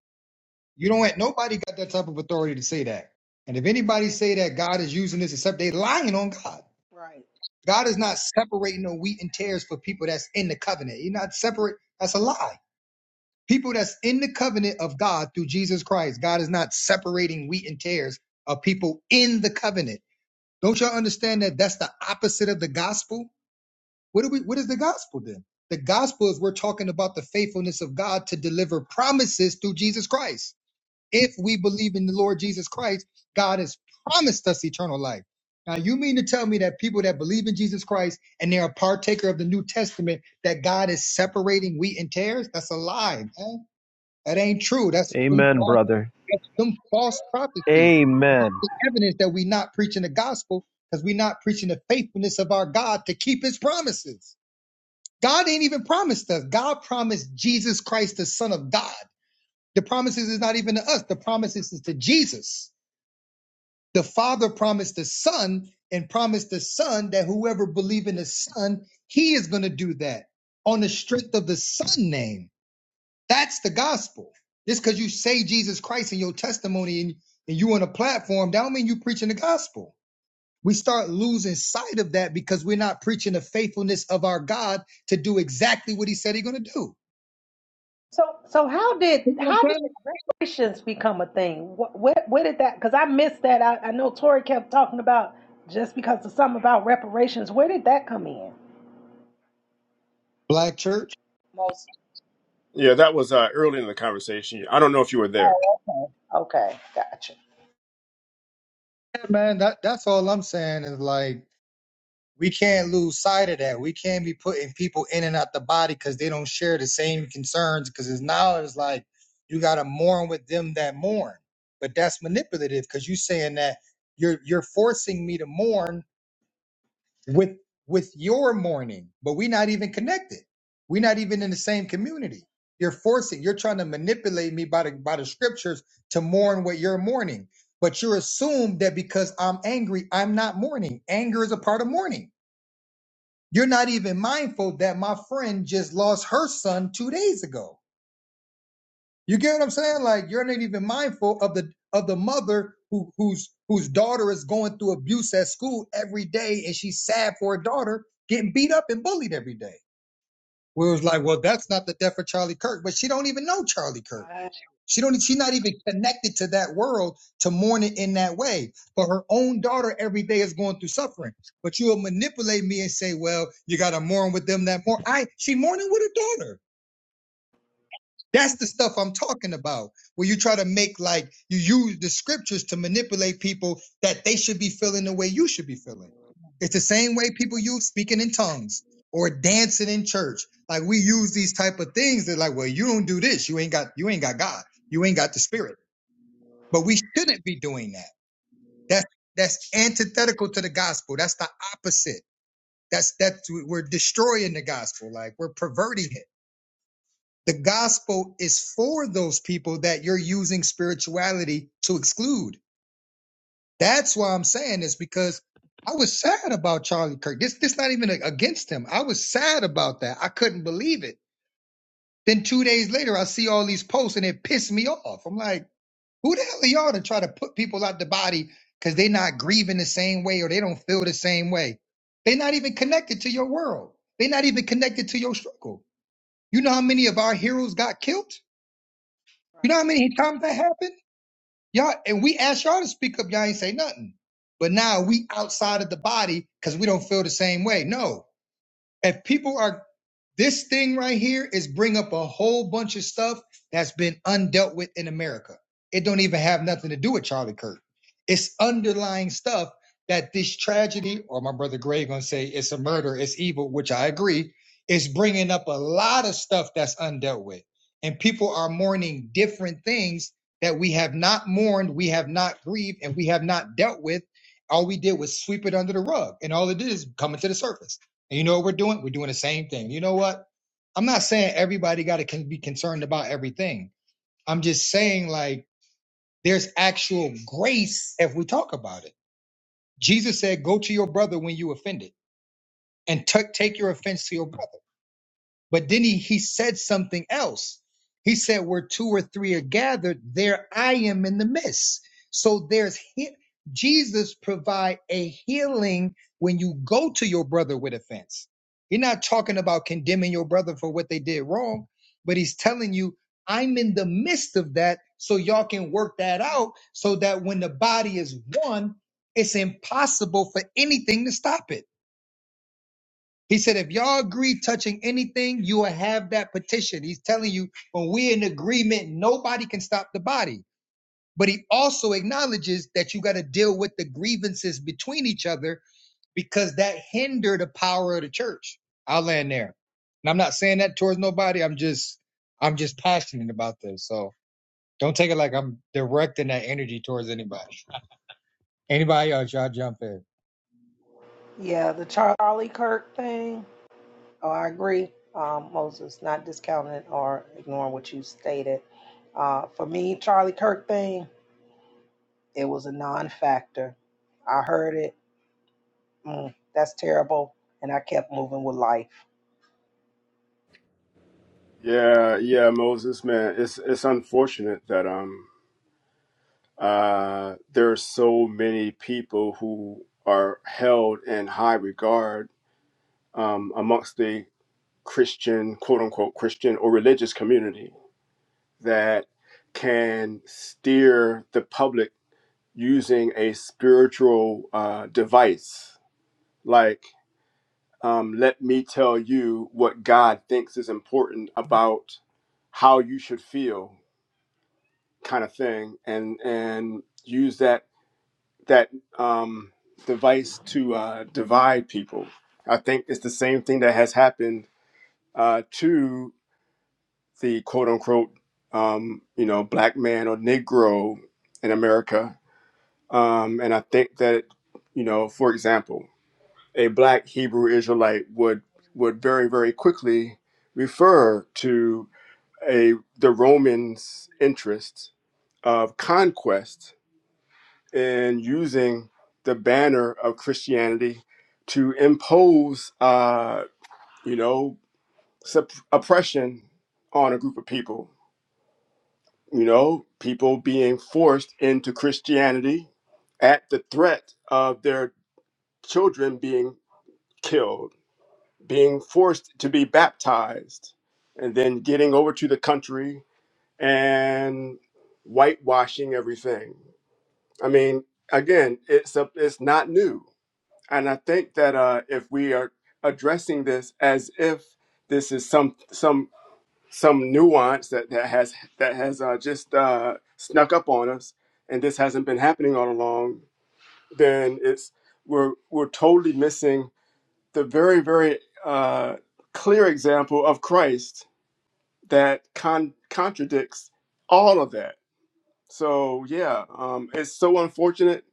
Speaker 1: you don't want nobody got that type of authority to say that and if anybody say that god is using this except they lying on god
Speaker 4: Right.
Speaker 1: god is not separating the wheat and tares for people that's in the covenant he's not separate that's a lie People that's in the covenant of God through Jesus Christ. God is not separating wheat and tares of people in the covenant. Don't y'all understand that that's the opposite of the gospel? What do we what is the gospel then? The gospel is we're talking about the faithfulness of God to deliver promises through Jesus Christ. If we believe in the Lord Jesus Christ, God has promised us eternal life. Now you mean to tell me that people that believe in Jesus Christ and they're a partaker of the New Testament that God is separating wheat and tares? That's a lie. man that ain't true. That's them
Speaker 7: amen,
Speaker 1: false,
Speaker 7: brother.
Speaker 1: that's them false prophecies. That's
Speaker 7: Amen.
Speaker 1: the evidence that we are not preaching the gospel because we are not preaching the faithfulness of our God to keep his promises. God ain't even promised us. God promised Jesus Christ, the Son of God. The promises is not even to us. The promises is to Jesus. The Father promised the Son and promised the Son that whoever believes in the Son, he is going to do that on the strength of the Son name. That's the gospel. Just because you say Jesus Christ in your testimony and, and you on a platform, that don't mean you preaching the gospel. We start losing sight of that because we're not preaching the faithfulness of our God to do exactly what he said he's gonna do.
Speaker 4: So so how did
Speaker 1: You know what
Speaker 4: how
Speaker 1: I'm
Speaker 4: did
Speaker 1: saying?
Speaker 4: reparations become a thing? Wh- Where where did that? Because I missed that. I, I know Tori kept talking about just because of something about reparations. Where did that come in?
Speaker 1: Black church.
Speaker 4: Most.
Speaker 2: Yeah, that was uh, early in the conversation. I don't know if you were there.
Speaker 4: Oh, okay. Okay, gotcha.
Speaker 1: Yeah, man, that, that's all I'm saying is like we can't lose sight of that. We can't be putting people in and out the body because they don't share the same concerns. Because it's now it's like you gotta mourn with them that mourn, but that's manipulative because you are saying that you're you're forcing me to mourn with with your mourning, but we're not even connected. We're not even in the same community. You're forcing. You're trying to manipulate me by the by the scriptures to mourn what you're mourning. But you assume that because I'm angry, I'm not mourning. Anger is a part of mourning you're not even mindful that my friend just lost her son two days ago. You get what I'm saying? Like you're not even mindful of the of the mother who whose whose daughter is going through abuse at school every day, and she's sad for her daughter getting beat up and bullied every day. We was like, well, that's not the death of Charlie Kirk, but she don't even know Charlie Kirk.
Speaker 4: Right.
Speaker 1: She don't. She's not even connected to that world to mourn it in that way. But her own daughter every day is going through suffering. But you will manipulate me and say, "Well, you got to mourn with them that mourn." I she mourning with her daughter. That's the stuff I'm talking about. Where you try to make like you use the scriptures to manipulate people that they should be feeling the way you should be feeling. It's the same way people use speaking in tongues or dancing in church. Like we use these type of things. that like, "Well, you don't do this. You ain't got. You ain't got God. You ain't got the Spirit." But we shouldn't be doing that. That's that's antithetical to the gospel. That's the opposite. That's that's we're destroying the gospel. Like we're perverting it. The gospel is for those people that you're using spirituality to exclude. That's why I'm saying this because I was sad about Charlie Kirk. This this not even against him. I was sad about that. I couldn't believe it. Then two days later, I see all these posts and it pissed me off. I'm like, Who the hell are y'all to try to put people out the body because they're not grieving the same way or they don't feel the same way? They're not even connected to your world. They're not even connected to your struggle. You know how many of our heroes got killed? You know how
Speaker 4: Right.
Speaker 1: many times that happened? Y'all and we asked y'all to speak up, y'all ain't say nothing. But now we outside of the body because we don't feel the same way. No, if people are this thing right here is bring up a whole bunch of stuff that's been undealt with in America. It don't even have nothing to do with Charlie Kirk. It's underlying stuff that this tragedy, or my brother Gray gonna say it's a murder, it's evil, which I agree, is bringing up a lot of stuff that's undealt with, and people are mourning different things that we have not mourned, we have not grieved, and we have not dealt with. All we did was sweep it under the rug, and all it did is come into the surface. And you know what we're doing? We're doing the same thing. You know what? I'm not saying everybody got to be concerned about everything. I'm just saying like there's actual grace if we talk about it. Jesus said, "Go to your brother when you offended, and t- take your offense to your brother." But then he, he said something else. He said, Where two or three are gathered, there I am in the midst. So there's he- Jesus provide a healing when you go to your brother with offense. You're not talking about condemning your brother for what they did wrong, but he's telling you, I'm in the midst of that, so y'all can work that out so that when the body is one, it's impossible for anything to stop it. He said, if y'all agree touching anything, you will have that petition. He's telling you when we're in agreement, nobody can stop the body. But he also acknowledges that you got to deal with the grievances between each other because that hinder the power of the church. I'll land there. And I'm not saying that towards nobody. I'm just I'm just passionate about this. So don't take it like I'm directing that energy towards anybody. Anybody else, y'all jump in.
Speaker 4: Yeah, the Char- Charlie Kirk thing. Oh, I agree. Um, Moses, not discounting or ignoring what you stated. Uh, for me, Charlie Kirk thing, it was a non-factor. I heard it. mm, that's terrible. And I kept moving with life.
Speaker 2: Yeah, yeah, Moses, man. It's it's unfortunate that um uh there are so many people who are held in high regard um amongst the Christian, quote unquote Christian or religious community. that can steer the public using a spiritual uh, device. Like, um, let me tell you what God thinks is important about how you should feel, kind of thing, and and use that that um, device to uh, divide people. I think it's the same thing that has happened uh, to the quote unquote, um, you know, black man or Negro in America Um, and I think that, you know, for example, a black Hebrew Israelite would would very, very quickly refer to a the Romans' interests of conquest in using the banner of Christianity to impose, uh, you know, sup- oppression on a group of people. You know, people being forced into Christianity at the threat of their children being killed, being forced to be baptized, and then getting over to the country and whitewashing everything. I mean, again, it's a, it's not new, and I think that uh, if we are addressing this as if this is some some some nuance that, that has that has uh, just uh, snuck up on us, and this hasn't been happening all along, then it's we're we're totally missing the very, very uh, clear example of Christ that con- contradicts all of that. So yeah, um, it's so unfortunate,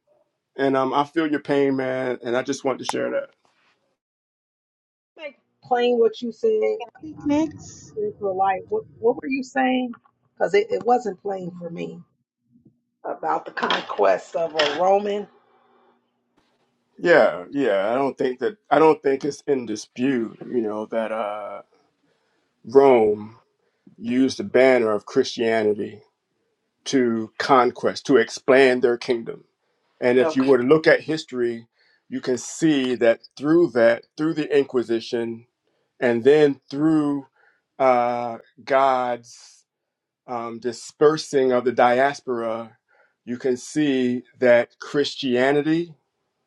Speaker 2: and um, I feel your pain, man, and I just want to share that.
Speaker 4: Make plain what you said
Speaker 9: Next.
Speaker 4: into a light. What what were you saying? Because it, it wasn't plain for me. About the conquest of a Roman.
Speaker 2: Yeah, yeah, I don't think that I don't think it's in dispute, you know, that uh, Rome used the banner of Christianity to conquest to expand their kingdom And if you
Speaker 4: Okay.
Speaker 2: were to look at history, you can see that through that, through the Inquisition, and then through uh, God's um, dispersing of the diaspora, you can see that Christianity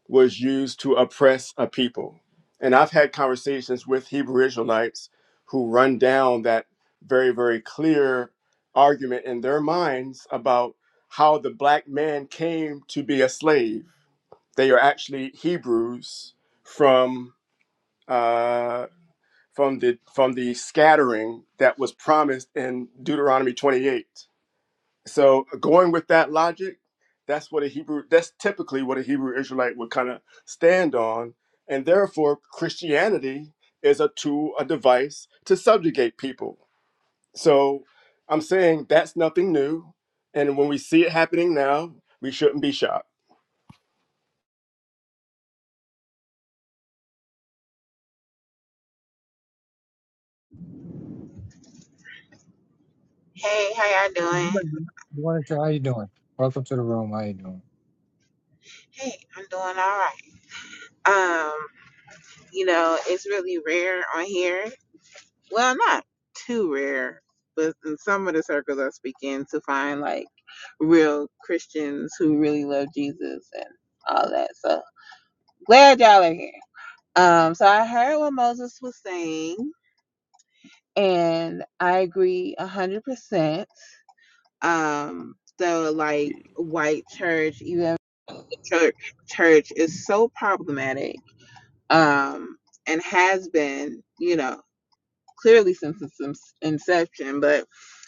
Speaker 2: was used to oppress a people. And I've had conversations with Hebrew Israelites who run down that very, very clear argument in their minds about how the black man came to be a slave they are actually Hebrews from uh, from the from the scattering that was promised in Deuteronomy 28. So going with that logic, that's what a Hebrew that's typically what a Hebrew Israelite would kind of stand on, and therefore Christianity is a tool, a device to subjugate people. So I'm saying that's nothing new, and when we see it happening now, we shouldn't be shocked.
Speaker 9: Hey, how y'all doing?
Speaker 1: Good morning, sir. How you doing? Welcome to the room. How you doing?
Speaker 9: Hey, I'm doing all right. Um, you know, it's really rare on here. Well, not too rare, but in some of the circles I speak in to find like real Christians who really love Jesus and all that. So glad y'all are here. Um, so I heard what Moses was saying, and I agree a hundred percent um so like white church even. church church is so problematic um and has been you know clearly since its inception but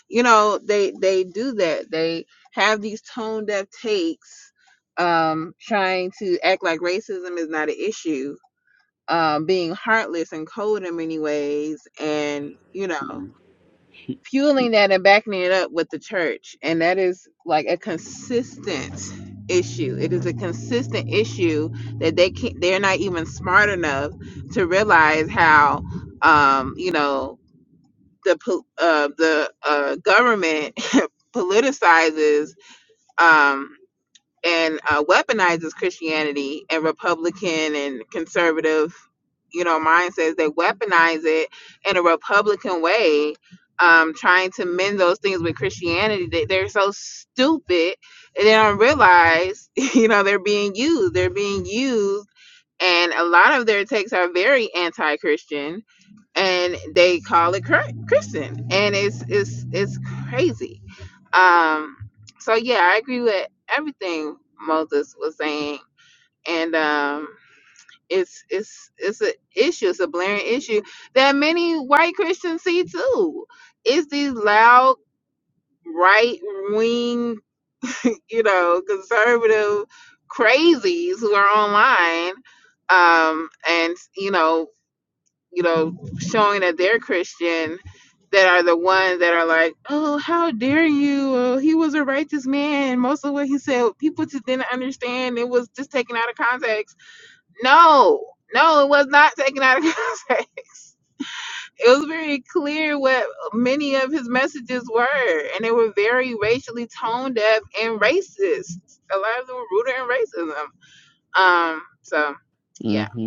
Speaker 9: you know they they do that they have these tone deaf takes um trying to act like racism is not an issue um being heartless and cold in many ways and you know fueling that and backing it up with the church. And that is like a consistent issue. It is a consistent issue that they can not they're not even smart enough to realize how um, you know, the uh, the uh, government politicizes um and uh, weaponizes Christianity and Republican and conservative, you know, mindsets. They weaponize it in a Republican way, um, trying to mend those things with Christianity. They, they're so stupid and they don't realize, you know, they're being used. They're being used. And a lot of their takes are very anti-Christian, and they call it Chri- Christian, and it's it's it's crazy um, so yeah, I agree with everything Moses was saying, and um, it's it's it's an issue, it's a blaring issue that many white Christians see too. It's these loud right wing, you know, conservative crazies who are online, um, and you know you know, showing that they're Christian that are the ones that are like, oh, how dare you? Oh, he was a righteous man. most of what he said, people just didn't understand. It was just taken out of context. No, no, it was not taken out of context. It was very clear what many of his messages were, and they were very racially tone deaf and racist. A lot of them were rooted in racism. Um, so yeah,
Speaker 10: hmm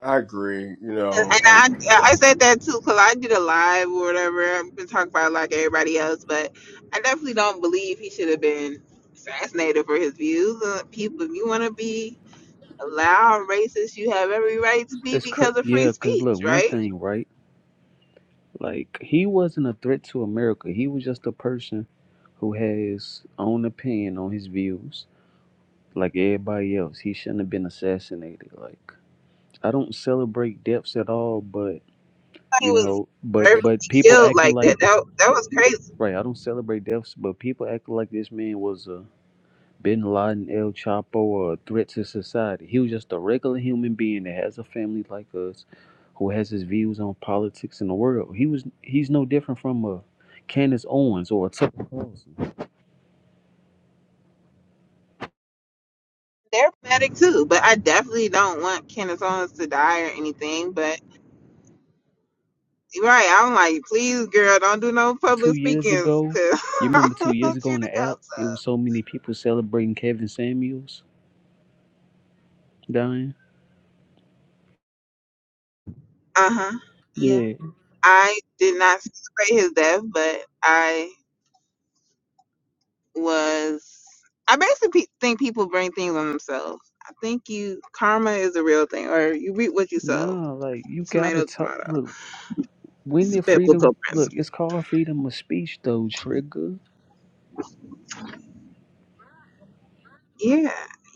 Speaker 2: I agree. You
Speaker 9: And
Speaker 2: know,
Speaker 9: I yeah, I said that too because I did a live or whatever. I've been talking about it like everybody else, but I definitely don't believe he should have been assassinated for his views. Uh, People, if you want to be a loud racist, you have every right to be
Speaker 10: It's cra-
Speaker 9: because of free
Speaker 10: yeah, cause
Speaker 9: speech,
Speaker 10: look, one
Speaker 9: right?
Speaker 10: thing, right? Like he wasn't a threat to America. He was just a person who had his own opinion on his views, like everybody else. He shouldn't have been assassinated. Like I don't celebrate deaths at all, but
Speaker 9: He
Speaker 10: you
Speaker 9: was
Speaker 10: know, but
Speaker 9: deserved to
Speaker 10: but
Speaker 9: be
Speaker 10: people
Speaker 9: killed
Speaker 10: acting
Speaker 9: like
Speaker 10: like
Speaker 9: that. That that was crazy.
Speaker 10: right. I don't celebrate deaths, but people acting like this man was a Bin Laden, El Chapo, or a threat to society. He was just a regular human being that has a family like us, who has his views on politics and the world. He was he's no different from a Candace Owens or a Tucker Carlson.
Speaker 9: They're pathetic too, but I definitely don't want Kenneth Owens to die or anything. But you're right, I'm like, please, girl, don't do no
Speaker 10: Two
Speaker 9: public
Speaker 10: years
Speaker 9: speakings
Speaker 10: ago,
Speaker 9: because
Speaker 10: you
Speaker 9: I
Speaker 10: remember two
Speaker 9: don't
Speaker 10: years
Speaker 9: want
Speaker 10: ago
Speaker 9: you
Speaker 10: on
Speaker 9: to
Speaker 10: the
Speaker 9: go.
Speaker 10: app,
Speaker 9: so."
Speaker 10: it was so many people celebrating Kevin Samuels dying.
Speaker 9: Uh-huh. Yeah.
Speaker 10: Yeah.
Speaker 9: I did not celebrate his death, but I was I basically pe- think people bring things on themselves. I think you karma is a real thing or you reap what you sow.
Speaker 10: No, like you gotta
Speaker 9: Tomato
Speaker 10: talk.
Speaker 9: tomato.
Speaker 10: Look, when did freedom?
Speaker 9: Biblical
Speaker 10: Look, it's called freedom of speech, though. Trigger.
Speaker 9: Yeah,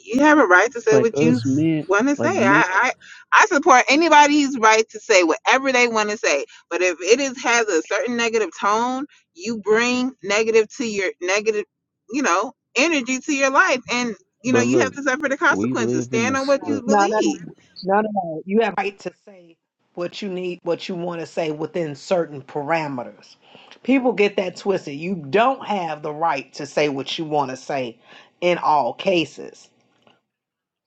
Speaker 9: you have a right to say
Speaker 10: Like
Speaker 9: what you
Speaker 10: us men,
Speaker 9: want to say.
Speaker 10: like men.
Speaker 9: I, I I support anybody's right to say whatever they want to say. But if it is has a certain negative tone, you bring negative to your negative, you know, energy to your life, and you know
Speaker 10: But
Speaker 9: you have
Speaker 10: look,
Speaker 9: to suffer the
Speaker 10: we
Speaker 9: consequences.
Speaker 10: live in a
Speaker 9: Stand on
Speaker 10: s-
Speaker 9: what you
Speaker 10: look,
Speaker 4: No, no, no,
Speaker 9: believe.
Speaker 4: no, no, no. You have right to say what you need, what you want to say within certain parameters. People get that twisted. You don't have the right to say what you want to say in all cases.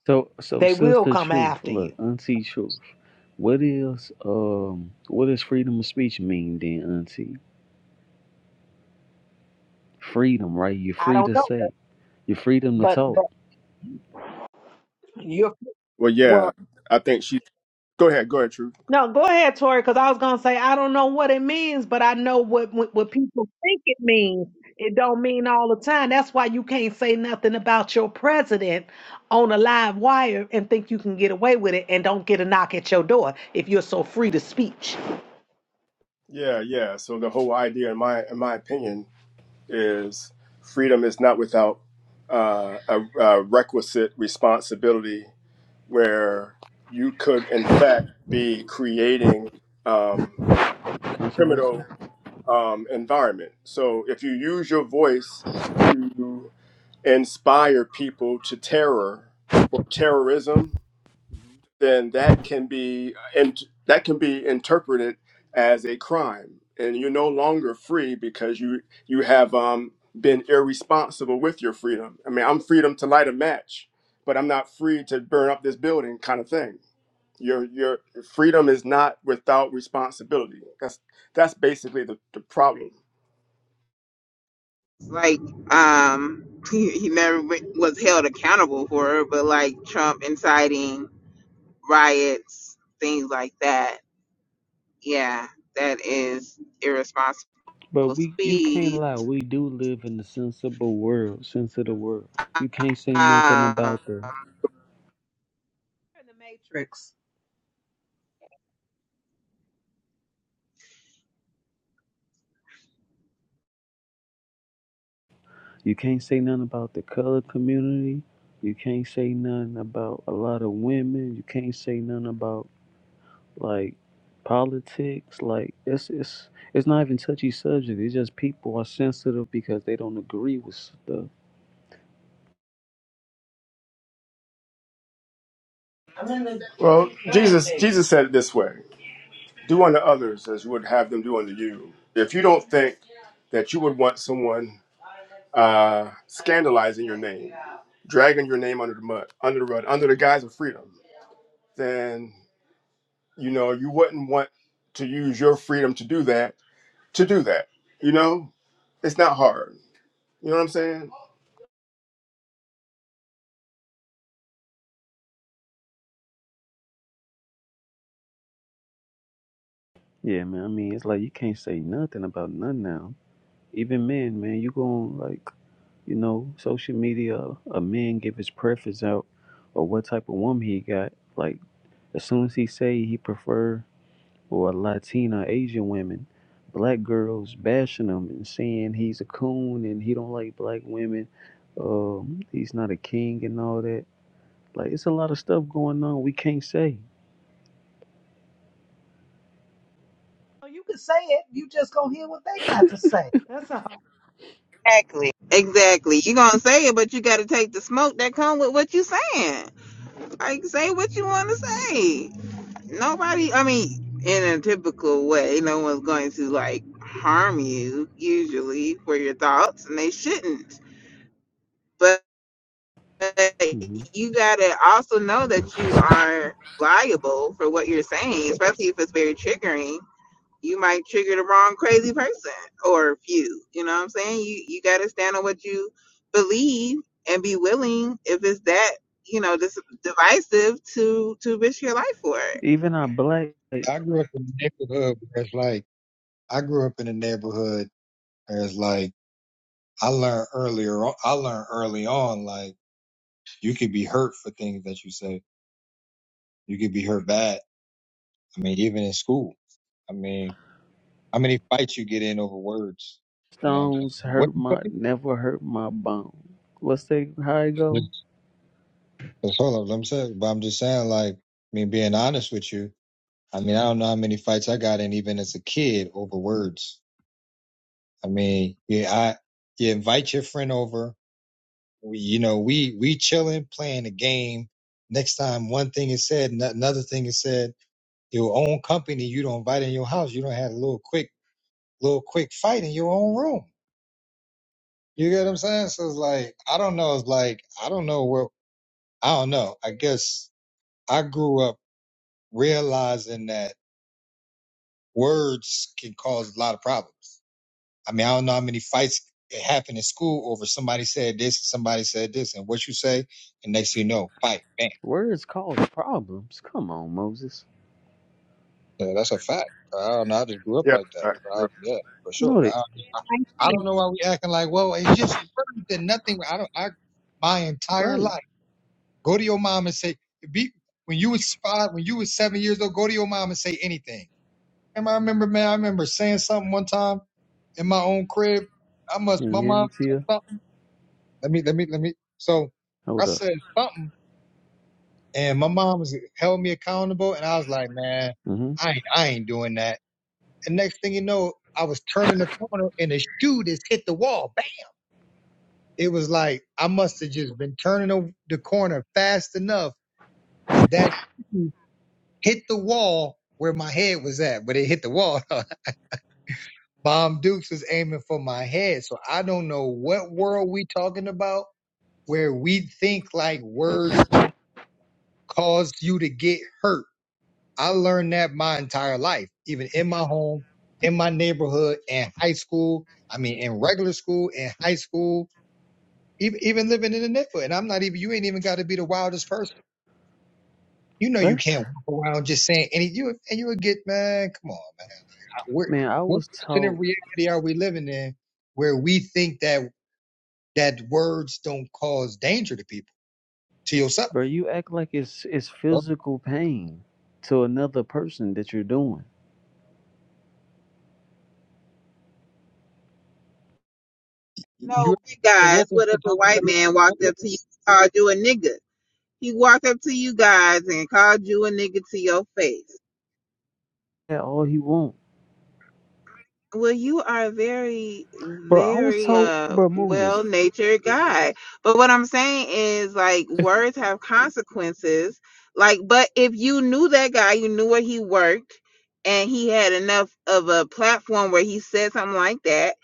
Speaker 10: so so
Speaker 4: They will
Speaker 10: sister
Speaker 4: come
Speaker 10: truth.
Speaker 4: after you.
Speaker 10: Look, auntie truth. What is um what does freedom of speech mean then, auntie? Freedom, right? You're
Speaker 4: I
Speaker 10: free
Speaker 4: don't
Speaker 10: to
Speaker 4: know,
Speaker 10: say. You're freedom to
Speaker 4: but
Speaker 10: talk.
Speaker 4: but you're
Speaker 2: Well, yeah,
Speaker 4: well.
Speaker 2: I think she. Go ahead, go ahead, True.
Speaker 4: No, go ahead, Tori, because I was gonna say I don't know what it means, but I know what, what what people think it means. It don't mean all the time. That's why you can't say nothing about your president on a live wire and think you can get away with it and don't get a knock at your door if you're so free to speech.
Speaker 2: Yeah, yeah. So the whole idea, in my in my opinion, is freedom is not without uh, a, a requisite responsibility, where you could, in fact, be creating um,
Speaker 10: Controversy.
Speaker 2: criminal um, environment. So if you use your voice to inspire people to terror or terrorism, then that can be and that can be interpreted as a crime and you're no longer free because you you have um, been irresponsible with your freedom i mean i'm freedom to light a match but i'm not free to burn up this building kind of thing your your freedom is not without responsibility that's that's basically the, the problem
Speaker 9: Like um, he, he never w- was held accountable for it, but like Trump inciting riots, things like that. Yeah, that is irresponsible
Speaker 10: But we you can't
Speaker 9: speeds.
Speaker 10: lie. We do live in the sensible world, sense of the world. You can't say nothing
Speaker 9: Uh,
Speaker 10: about the
Speaker 4: You're in the matrix.
Speaker 10: you can't say nothing about the color community. You can't say nothing about a lot of women. You can't say nothing about like politics, like it's it's it's not even touchy subject. It's just people are sensitive because they don't agree with stuff.
Speaker 2: well jesus jesus said it this way do unto others as you would have them do unto you if you don't think that you would want someone uh, scandalizing your name, dragging your name under the mud, under the rug, under the guise of freedom, then you know you wouldn't want to use your freedom to do that. To do that, you know, it's not hard. You know what I'm saying?
Speaker 10: Yeah, man. I mean, it's like you can't say nothing about none now. Even men, man, you go on like you know social media. A man give his preference out or what type of woman he got. Like as soon as he say he prefer. or Latina Asian women, black girls bashing him and saying he's a coon and he don't like black women, um, he's not a king and all that. Like it's a lot of stuff going on we can't say.
Speaker 4: So you can say it. You just gonna hear what they got to say. That's a hard
Speaker 9: Exactly. exactly. You're gonna say it, but you gotta take the smoke that come with what you saying. Like say what you wanna say. Nobody I mean, in a typical way, no one's going to like harm you usually for your thoughts and they shouldn't. But
Speaker 10: hmm
Speaker 9: you gotta also know that you are liable for what you're saying, especially if it's very triggering you might trigger the wrong crazy person or few. You know what I'm saying? You you got to stand on what you believe and be willing if it's that you know this divisive to to risk your life for it.
Speaker 10: Even our black
Speaker 1: I grew up in a neighborhood where it's like I grew up in a neighborhood where it's like I learned earlier on- I learned early on like you could be hurt for things that you say. You could be hurt bad. I mean, even in school. I mean, how many fights you get in over words? You know what I'm
Speaker 10: stones
Speaker 1: saying? What
Speaker 10: hurt
Speaker 1: you
Speaker 10: my
Speaker 1: say?
Speaker 10: never hurt my bone. What's that? How it go?
Speaker 1: That's that's all of them said. But I'm just saying, like, I mean, being honest with you, I mean, I don't know how many fights I got in even as a kid over words. I mean, yeah, I you invite your friend over we, you know, we we chilling, playing a game. Next time one thing is said, no- another thing is said. Your own company, you don't invite in your house. You don't have a little quick, little quick fight in your own room. You get what I'm saying? So it's like I don't know. It's like I don't know where I don't know. I guess I grew up realizing that words can cause a lot of problems. I mean, I don't know how many fights it happened in school over somebody said this, somebody said this, and what you say, and next thing you know, fight, bam
Speaker 10: Words cause problems. Come on, Moses.
Speaker 1: Yeah, that's a fact. I don't know. I just grew up
Speaker 2: Yeah.
Speaker 1: like that.
Speaker 2: right, bro.
Speaker 1: Um, yeah, for sure.
Speaker 10: Know that,
Speaker 1: I, I don't
Speaker 4: Jesus
Speaker 1: know why we acting like, well, it's just words and nothing. I don't. I my entire
Speaker 10: right?
Speaker 1: life. Go to your mom and say, be when you was five, when you was seven years old. Go to your mom and say anything. And I remember, man, I remember saying something one time in my own crib. I must.
Speaker 10: Can
Speaker 1: My
Speaker 10: you hear
Speaker 1: mom
Speaker 10: me, Tia?
Speaker 1: said something. Let me. Let me. Let me. So I
Speaker 10: Hold up.
Speaker 1: said something, and my mom was held me accountable, and I was like, man,
Speaker 10: hmm
Speaker 1: I ain't. I ain't doing that. And next thing you know, I was turning the corner and the shoe just hit the wall. Bang! It was like I must have just been turning the the corner fast enough because that shoe hit the wall where my head was at, but it hit the wall. Bomb Dukes was aiming for my head. So I don't know what world we talking about where we think like words don't cause you to get hurt I learned that my entire life, even in my home, in my neighborhood, in high school. I mean, in regular school, in high school, even, even living in the neighborhood. And I'm not even, you ain't even got to be the wildest person. You know, you
Speaker 10: What?
Speaker 1: can't walk around just saying any, you, and you would get, man, come on, man. I- We're,
Speaker 10: Man, I
Speaker 1: what
Speaker 10: was taught.
Speaker 1: percent of reality are we living in where we think that, that words don't cause danger to people, to yourself?
Speaker 10: Bro, you act like it's it's
Speaker 1: Well,
Speaker 10: physical pain to another person that you're doing.
Speaker 1: You
Speaker 9: No, big
Speaker 1: a
Speaker 9: guys.
Speaker 1: whooping
Speaker 9: What
Speaker 1: for
Speaker 9: if a
Speaker 1: talking
Speaker 9: white man
Speaker 1: about
Speaker 9: walked up to you and called you a nigga? He walked up to you guys and called you a nigga to your face.
Speaker 10: Yeah, all he want.
Speaker 9: Well, you are a very,
Speaker 10: Bro, I was
Speaker 9: very
Speaker 10: told
Speaker 9: uh
Speaker 10: bro Moses.
Speaker 9: well-natured guy. But what I'm saying is like words have consequences. Like, but if you knew that guy, you knew where he worked, and he had enough of a platform where he said something like that,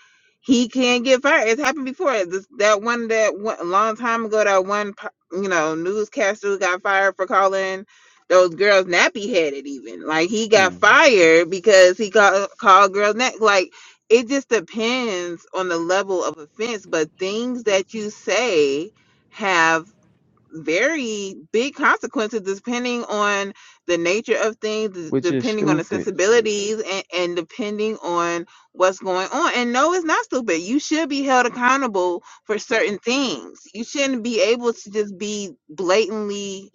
Speaker 9: he can get fired. It's happened before. This, that one that one, a long time ago, that one, po- you know, newscaster who got fired for calling those girls nappy headed even like he got
Speaker 10: hmm,
Speaker 9: fired because he called called girls nap like it just depends on the level of offense but things that you say have very big consequences depending on the nature of things d-
Speaker 10: Which is
Speaker 9: depending on the
Speaker 10: stupid.
Speaker 9: sensibilities and, and depending on what's going on and no it's not stupid you should be held accountable for certain things you shouldn't be able to just be blatantly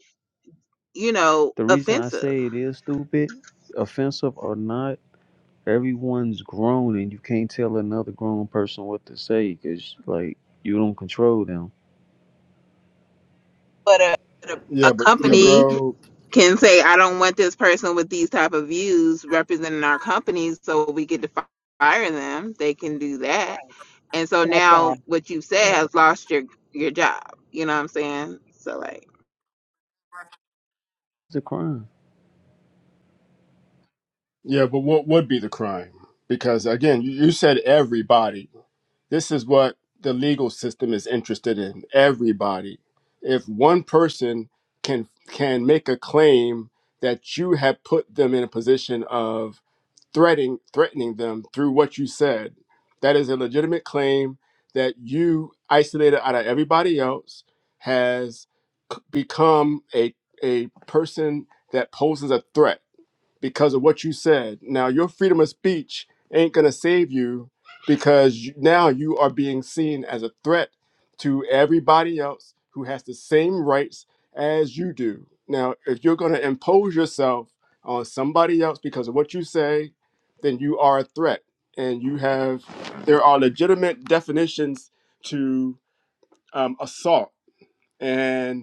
Speaker 9: you know
Speaker 10: The reason I
Speaker 9: offensive
Speaker 10: say it is stupid, offensive or not, everyone's grown and you can't tell another grown person what to say because like you don't control them.
Speaker 9: but a, a,
Speaker 2: Yeah,
Speaker 9: a
Speaker 2: but see,
Speaker 9: company
Speaker 2: bro.
Speaker 9: can say i don't want this person with these type of views representing our company so we get to fi- fire them they can do that and so
Speaker 4: that's all.
Speaker 9: now what you said has lost your your job you know what i'm saying so like
Speaker 10: It's a crime.
Speaker 2: Yeah, but what would be the crime? Because again, you, you said everybody. This is what the legal system is interested in. Everybody. If one person can can make a claim that you have put them in a position of threatening threatening them through what you said, that is a legitimate claim that you isolated out of everybody else has c- become a a person that poses a threat because of what you said. Now, your freedom of speech ain't going to save you because you, now you are being seen as a threat to everybody else who has the same rights as you do. Now, if you're going to impose yourself on somebody else because of what you say, then you are a threat. And you have, there are legitimate definitions to um, assault. And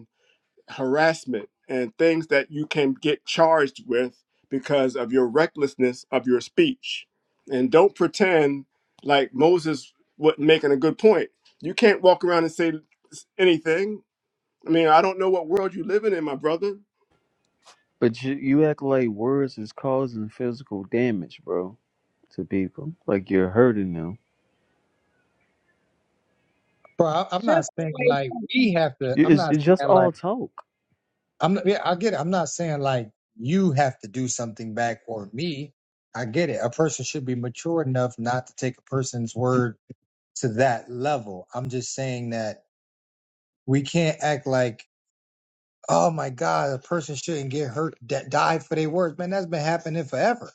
Speaker 2: harassment and things that you can get charged with because of your recklessness of your speech. And don't pretend like Moses was making a good point. You can't walk around and say anything. I mean, I don't know what world you're living in, my brother.
Speaker 10: But you, you act like words is causing physical damage, bro, to people. Like you're hurting them.
Speaker 1: Bro, I-
Speaker 4: It's
Speaker 1: I'm not
Speaker 4: just the
Speaker 1: saying
Speaker 4: way it
Speaker 1: like we have to. I'm
Speaker 10: It's,
Speaker 1: not
Speaker 10: it's just
Speaker 1: saying like.
Speaker 10: all talk.
Speaker 1: I'm not- yeah, I get it. I'm not saying like you have to do something back or me. I get it. A person should be mature enough not to take a person's word to that level. I'm just saying that we can't act like, oh my God, a person shouldn't get hurt, that died for their words. Man, that's been happening forever.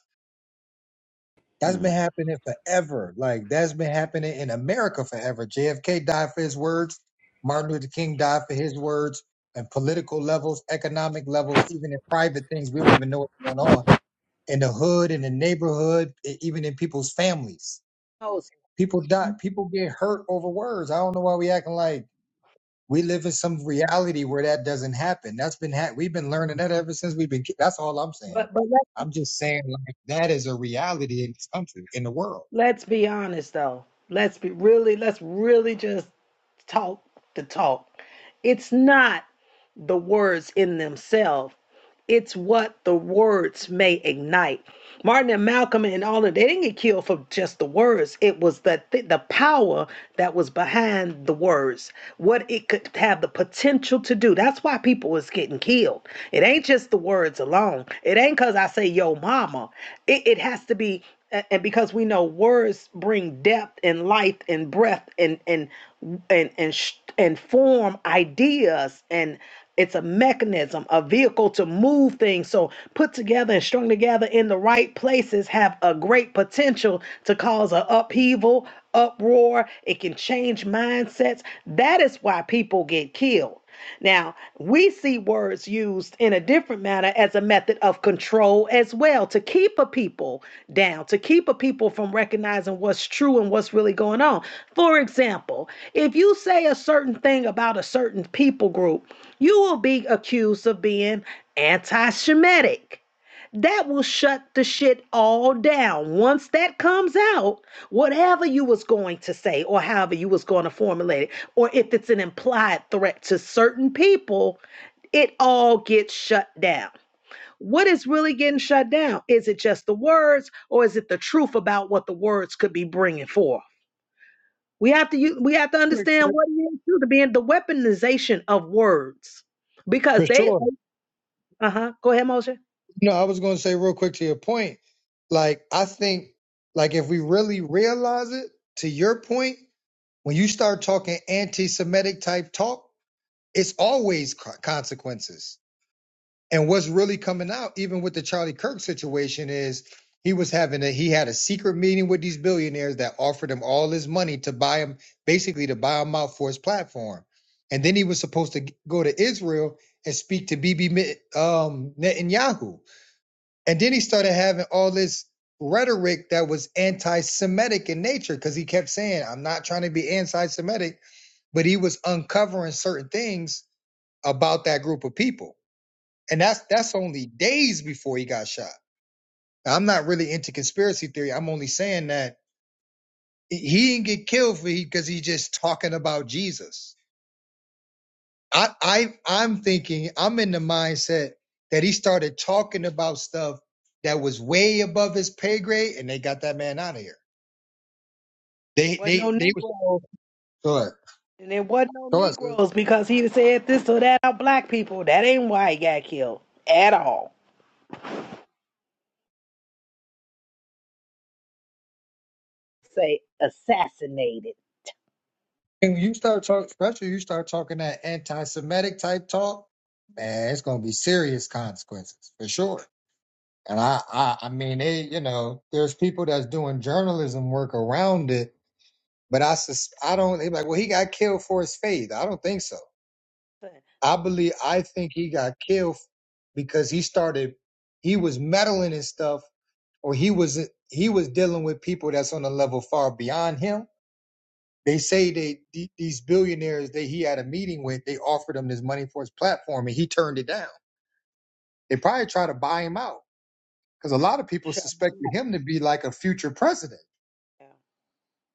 Speaker 1: That's
Speaker 10: Hmm.
Speaker 1: been happening forever. Like that's been happening in America forever. JFK died for his words. Martin Luther King died for his words. And political levels, economic levels, even in private things, we don't even know what's going on in the hood, in the neighborhood, e- even in people's families.
Speaker 4: goes.
Speaker 1: People die. People get hurt over words. I don't know why we acting like we live in some reality where that doesn't happen. That's been ha- we've been learning that ever since we've been. ki- That's all I'm saying.
Speaker 4: But but let
Speaker 1: I'm just saying like that is a reality in this country, in the world,
Speaker 4: let's be honest though. Let's be really let's really just talk the talk. It's not the words in themselves. It's what the words may ignite. Martin and Malcolm and all of they didn't get killed for just the words. It was the th- the power that was behind the words, what it could have the potential to do. That's why people was getting killed. It ain't just the words alone. It ain't cause I say yo mama. It it has to be, a- and because we know words bring depth and life and breath and and and and sh- and form ideas and it's a mechanism, a vehicle to move things. So put together and strung together in the right places have a great potential to cause an upheaval, uproar. It can change mindsets. That is why people get killed. Now, we see words used in a in a different manner as a method of control as well to keep a people down, to keep a people from recognizing what's true and what's really going on. For example, if you say a certain thing about a certain people group, you will be accused of being anti Semitic. That will shut the shit all down. Once that comes out, whatever you was going to say or however you was going to formulate it, or if it's an implied threat to certain people, it all gets shut down. What is really getting shut down? Is it just the words or is it the truth about what the words could be bringing forth? We have to u- we have to
Speaker 1: for
Speaker 4: understand
Speaker 1: sure.
Speaker 4: what it is too, to be in the weaponization of words
Speaker 1: For
Speaker 4: because they
Speaker 1: sure.
Speaker 4: uh-huh go ahead Moshe.
Speaker 1: No, I was going to say real quick to your point. Like I think, like if we really realize it, to your point, when you start talking anti-Semitic type talk it's always co- consequences. And what's really coming out, even with the Charlie Kirk situation, is he was having a he had a secret meeting with these billionaires that offered him all his money to buy him, basically to buy him out for his platform. And then he was supposed to go to Israel and speak to Bibi um, Netanyahu. And then he started having all this rhetoric that was anti-Semitic in nature because he kept saying, "I'm not trying to be anti-Semitic," but he was uncovering certain things about that group of people. And that's that's only days before he got shot. Now, I'm not really into conspiracy theory. I'm only saying that he didn't get killed for he because he just talking about Jesus. I, I I'm thinking I'm in the mindset that he started talking about stuff that was way above his pay grade, and they got that man out of here. They
Speaker 4: Wasn't no
Speaker 1: they they was
Speaker 4: Negroes
Speaker 1: go ahead.
Speaker 4: and there wasn't no
Speaker 1: Go
Speaker 4: Negroes because he said this or that about black people. That ain't why he got killed at all. Say assassinated.
Speaker 1: And you start talking, especially you start talking that anti-Semitic type talk, man, it's gonna be serious consequences for sure. And I, I, I mean, they, you know, there's people that's doing journalism work around it, but I, sus- I don't. They like, well, he got killed for his faith. I don't think so. I believe, I think he got killed because he started, he was meddling in stuff, or he was, he was dealing with people that's on a level far beyond him. They say they the- these billionaires that he had a meeting with, they offered him this money for his platform, and he turned it down. They probably tried to buy him out because a lot of people
Speaker 4: Shut
Speaker 1: suspected him to be like a future president
Speaker 4: down.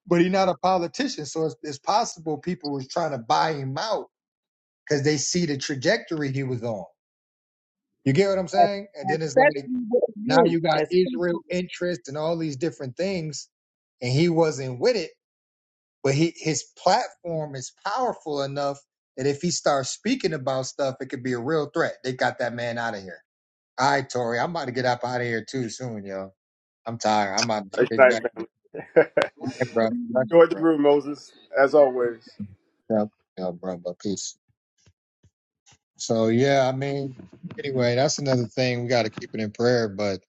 Speaker 1: but he's not a politician. So it's, it's possible people was trying to buy him out because they see the trajectory he was on. You get what I'm saying? And then it's like
Speaker 4: Especially with the
Speaker 1: now you got
Speaker 4: youth.
Speaker 1: Israel interest and all these different things, and he wasn't with it. But he his platform is powerful enough that if he starts speaking about stuff, it could be a real threat. They got that man out of here. All right, Tori, I'm about to get up out of here too soon, yo. I'm tired. I'm about to
Speaker 2: Good
Speaker 1: get
Speaker 2: night,
Speaker 1: back to the
Speaker 2: family.
Speaker 1: bed, bro.
Speaker 2: Enjoy the room, Moses, as always.
Speaker 1: Bro, bro, bro. Peace. So yeah, I mean, anyway, that's another thing we got to keep it in prayer. But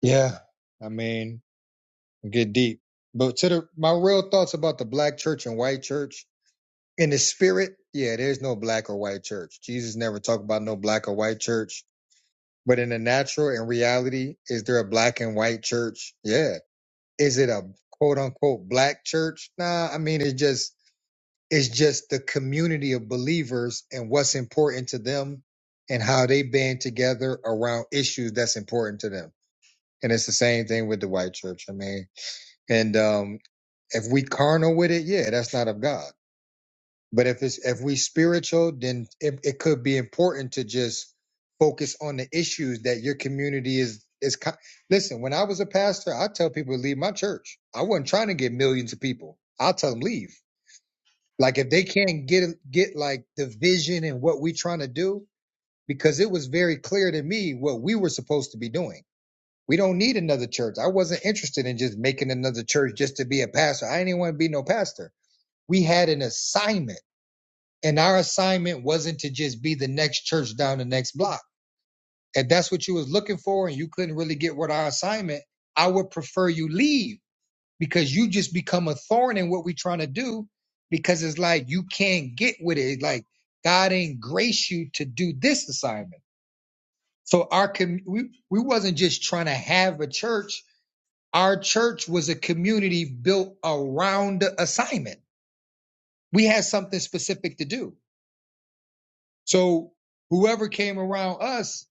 Speaker 1: yeah, I mean, get deep. But to the my real thoughts about the black church and white church in the spirit, yeah, there's no black or white church. Jesus never talked about no black or white church. But in the natural and reality, is there a black and white church? Yeah. Is it a quote unquote black church? Nah, I mean, it's just It's just the community of believers and what's important to them and how they band together around issues that's important to them. And it's the same thing with the white church. I mean, and um, if we carnal with it, yeah, that's not of God. But if it's if we spiritual, then it, it could be important to just focus on the issues that your community is is. co- Listen, when I was a pastor, I tell people to leave my church. I wasn't trying to get millions of people. I'll tell them leave like if they can't get get like the vision and what we're trying to do, because it was very clear to me what we were supposed to be doing. We don't need another church. I wasn't interested in just making another church just to be a pastor. I didn't want to be no pastor. We had an assignment, and our assignment wasn't to just be the next church down the next block. If that's what you was looking for, and you couldn't really get what our assignment, I would prefer you leave because you just become a thorn in what we're trying to do because it's like you can't get with it. Like God ain't grace you to do this assignment. So our com- we we wasn't just trying to have a church. Our church was a community built around the assignment. We had something specific to do. So whoever came around us,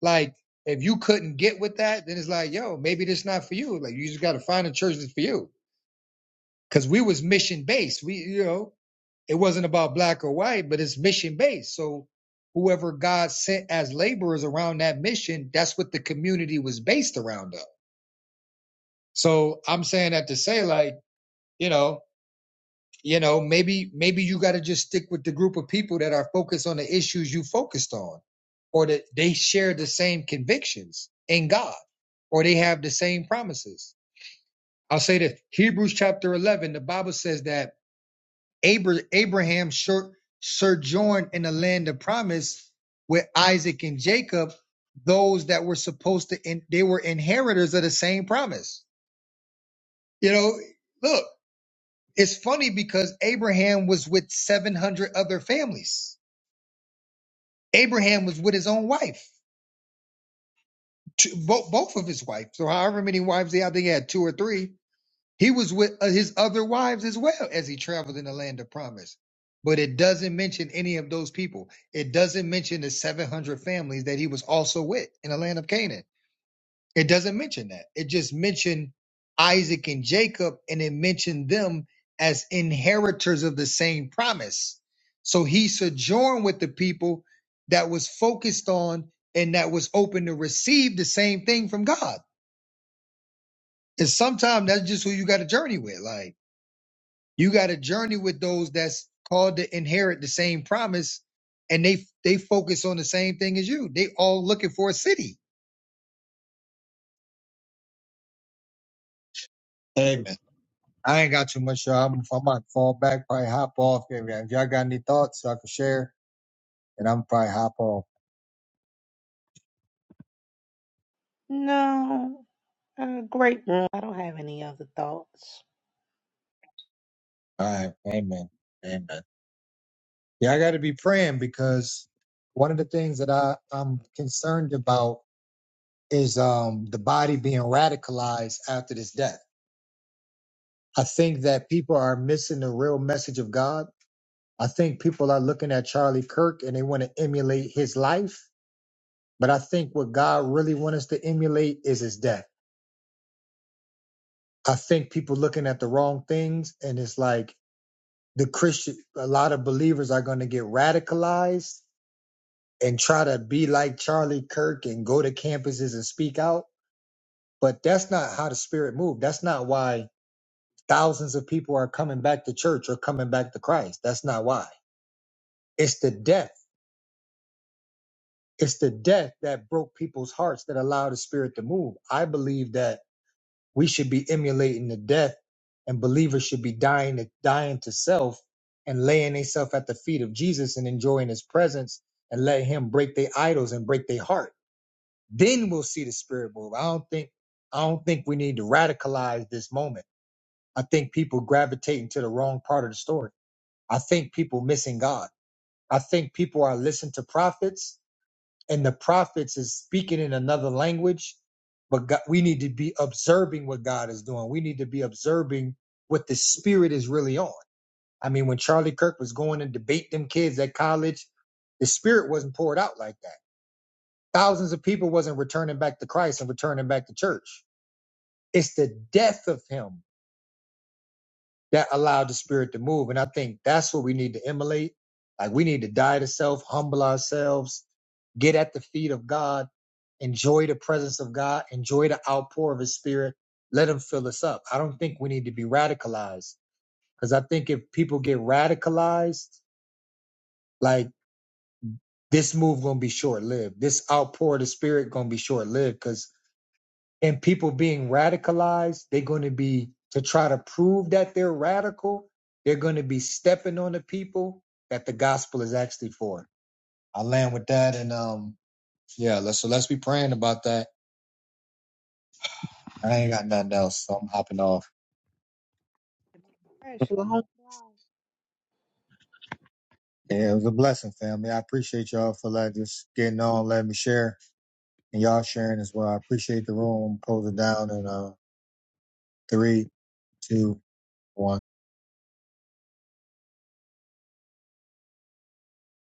Speaker 1: like if you couldn't get with that, then it's like, yo, maybe this not for you. Like you just got to find a church that's for you. Cause we was mission based. We, you know, It wasn't about black or white, but it's mission based. So whoever God sent as laborers around that mission, that's what the community was based around of. So I'm saying that to say like, you know, you know, maybe maybe you got to just stick with the group of people that are focused on the issues you focused on or that they share the same convictions in God or they have the same promises. I'll say that Hebrews chapter 11, the Bible says that Abra- Abraham sur- sojourned in the land of promise with Isaac and Jacob, those that were supposed to, in- they were inheritors of the same promise. You know, look, it's funny because Abraham was with 700 other families. Abraham was with his own wife, two, bo- both of his wives. So however many wives he had, they had two or three He was with uh, his other wives as well as he traveled in the land of promise. But it doesn't mention any of those people. It doesn't mention the 700 families that he was also with in the land of Canaan. It doesn't mention that. It just mentioned Isaac and Jacob and it mentioned them as inheritors of the same promise. So he sojourned with the people that was focused on and that was open to receive the same thing from God. And sometimes that's just who you got to journey with. Like, You got to journey with those that's called to inherit the same promise, and they they focus on the same thing as you. They all looking for a city. Amen. I ain't got too much. uh, I'm, I might fall back, probably hop off. If y'all got any thoughts, so I can share, and I'm probably hop off.
Speaker 4: No, uh, great room. I don't have any other thoughts.
Speaker 1: All right. Amen. Amen. Yeah, I got to be praying because one of the things that I, I'm concerned about is um, the body being radicalized after this death. I think that people are missing the real message of God I think people are looking at Charlie Kirk and they want to emulate his life. But I think what God really wants us to emulate is his death. I think people looking at the wrong things and it's like the Christian, a lot of believers are going to get radicalized and try to be like Charlie Kirk and go to campuses and speak out. But that's not how the spirit moved. That's not why thousands of people are coming back to church or coming back to Christ. That's not why. It's the death It's the death that broke people's hearts that allowed the spirit to move. I believe that we should be emulating the death and believers should be dying to dying to self and laying themselves at the feet of Jesus and enjoying his presence and let him break their idols and break their heart. Then we'll see the spirit move. I don't think I don't think we need to radicalize this moment. I think people gravitating to the wrong part of the story. I think people missing God. I think people are listening to prophets and the prophets is speaking in another language but God, we need to be observing what god is doing we need to be observing what the spirit is really on i mean when charlie kirk was going and debate them kids at college the spirit wasn't poured out like that thousands of people wasn't returning back to christ and returning back to church it's the death of him that allowed the spirit to move. And I think that's what we need to emulate. Like we need to die to self, humble ourselves, get at the feet of God, enjoy the presence of God, enjoy the outpour of his spirit. Let him fill us up. I don't think we need to be radicalized because I think if people get radicalized, like this move gonna be short lived. This outpour of the spirit gonna be short lived because. and people being radicalized, they're going to be to try to prove that they're radical. They're going to be stepping on the people that the gospel is actually for. I land with that, and um, yeah. Let's so let's be praying about that. I ain't got nothing else, so I'm hopping off.
Speaker 4: Congratulations.
Speaker 1: Yeah, it was a blessing, family. I appreciate y'all for like just getting on, letting me share, and y'all sharing as well. I appreciate the room. Close it down in uh three, two, one.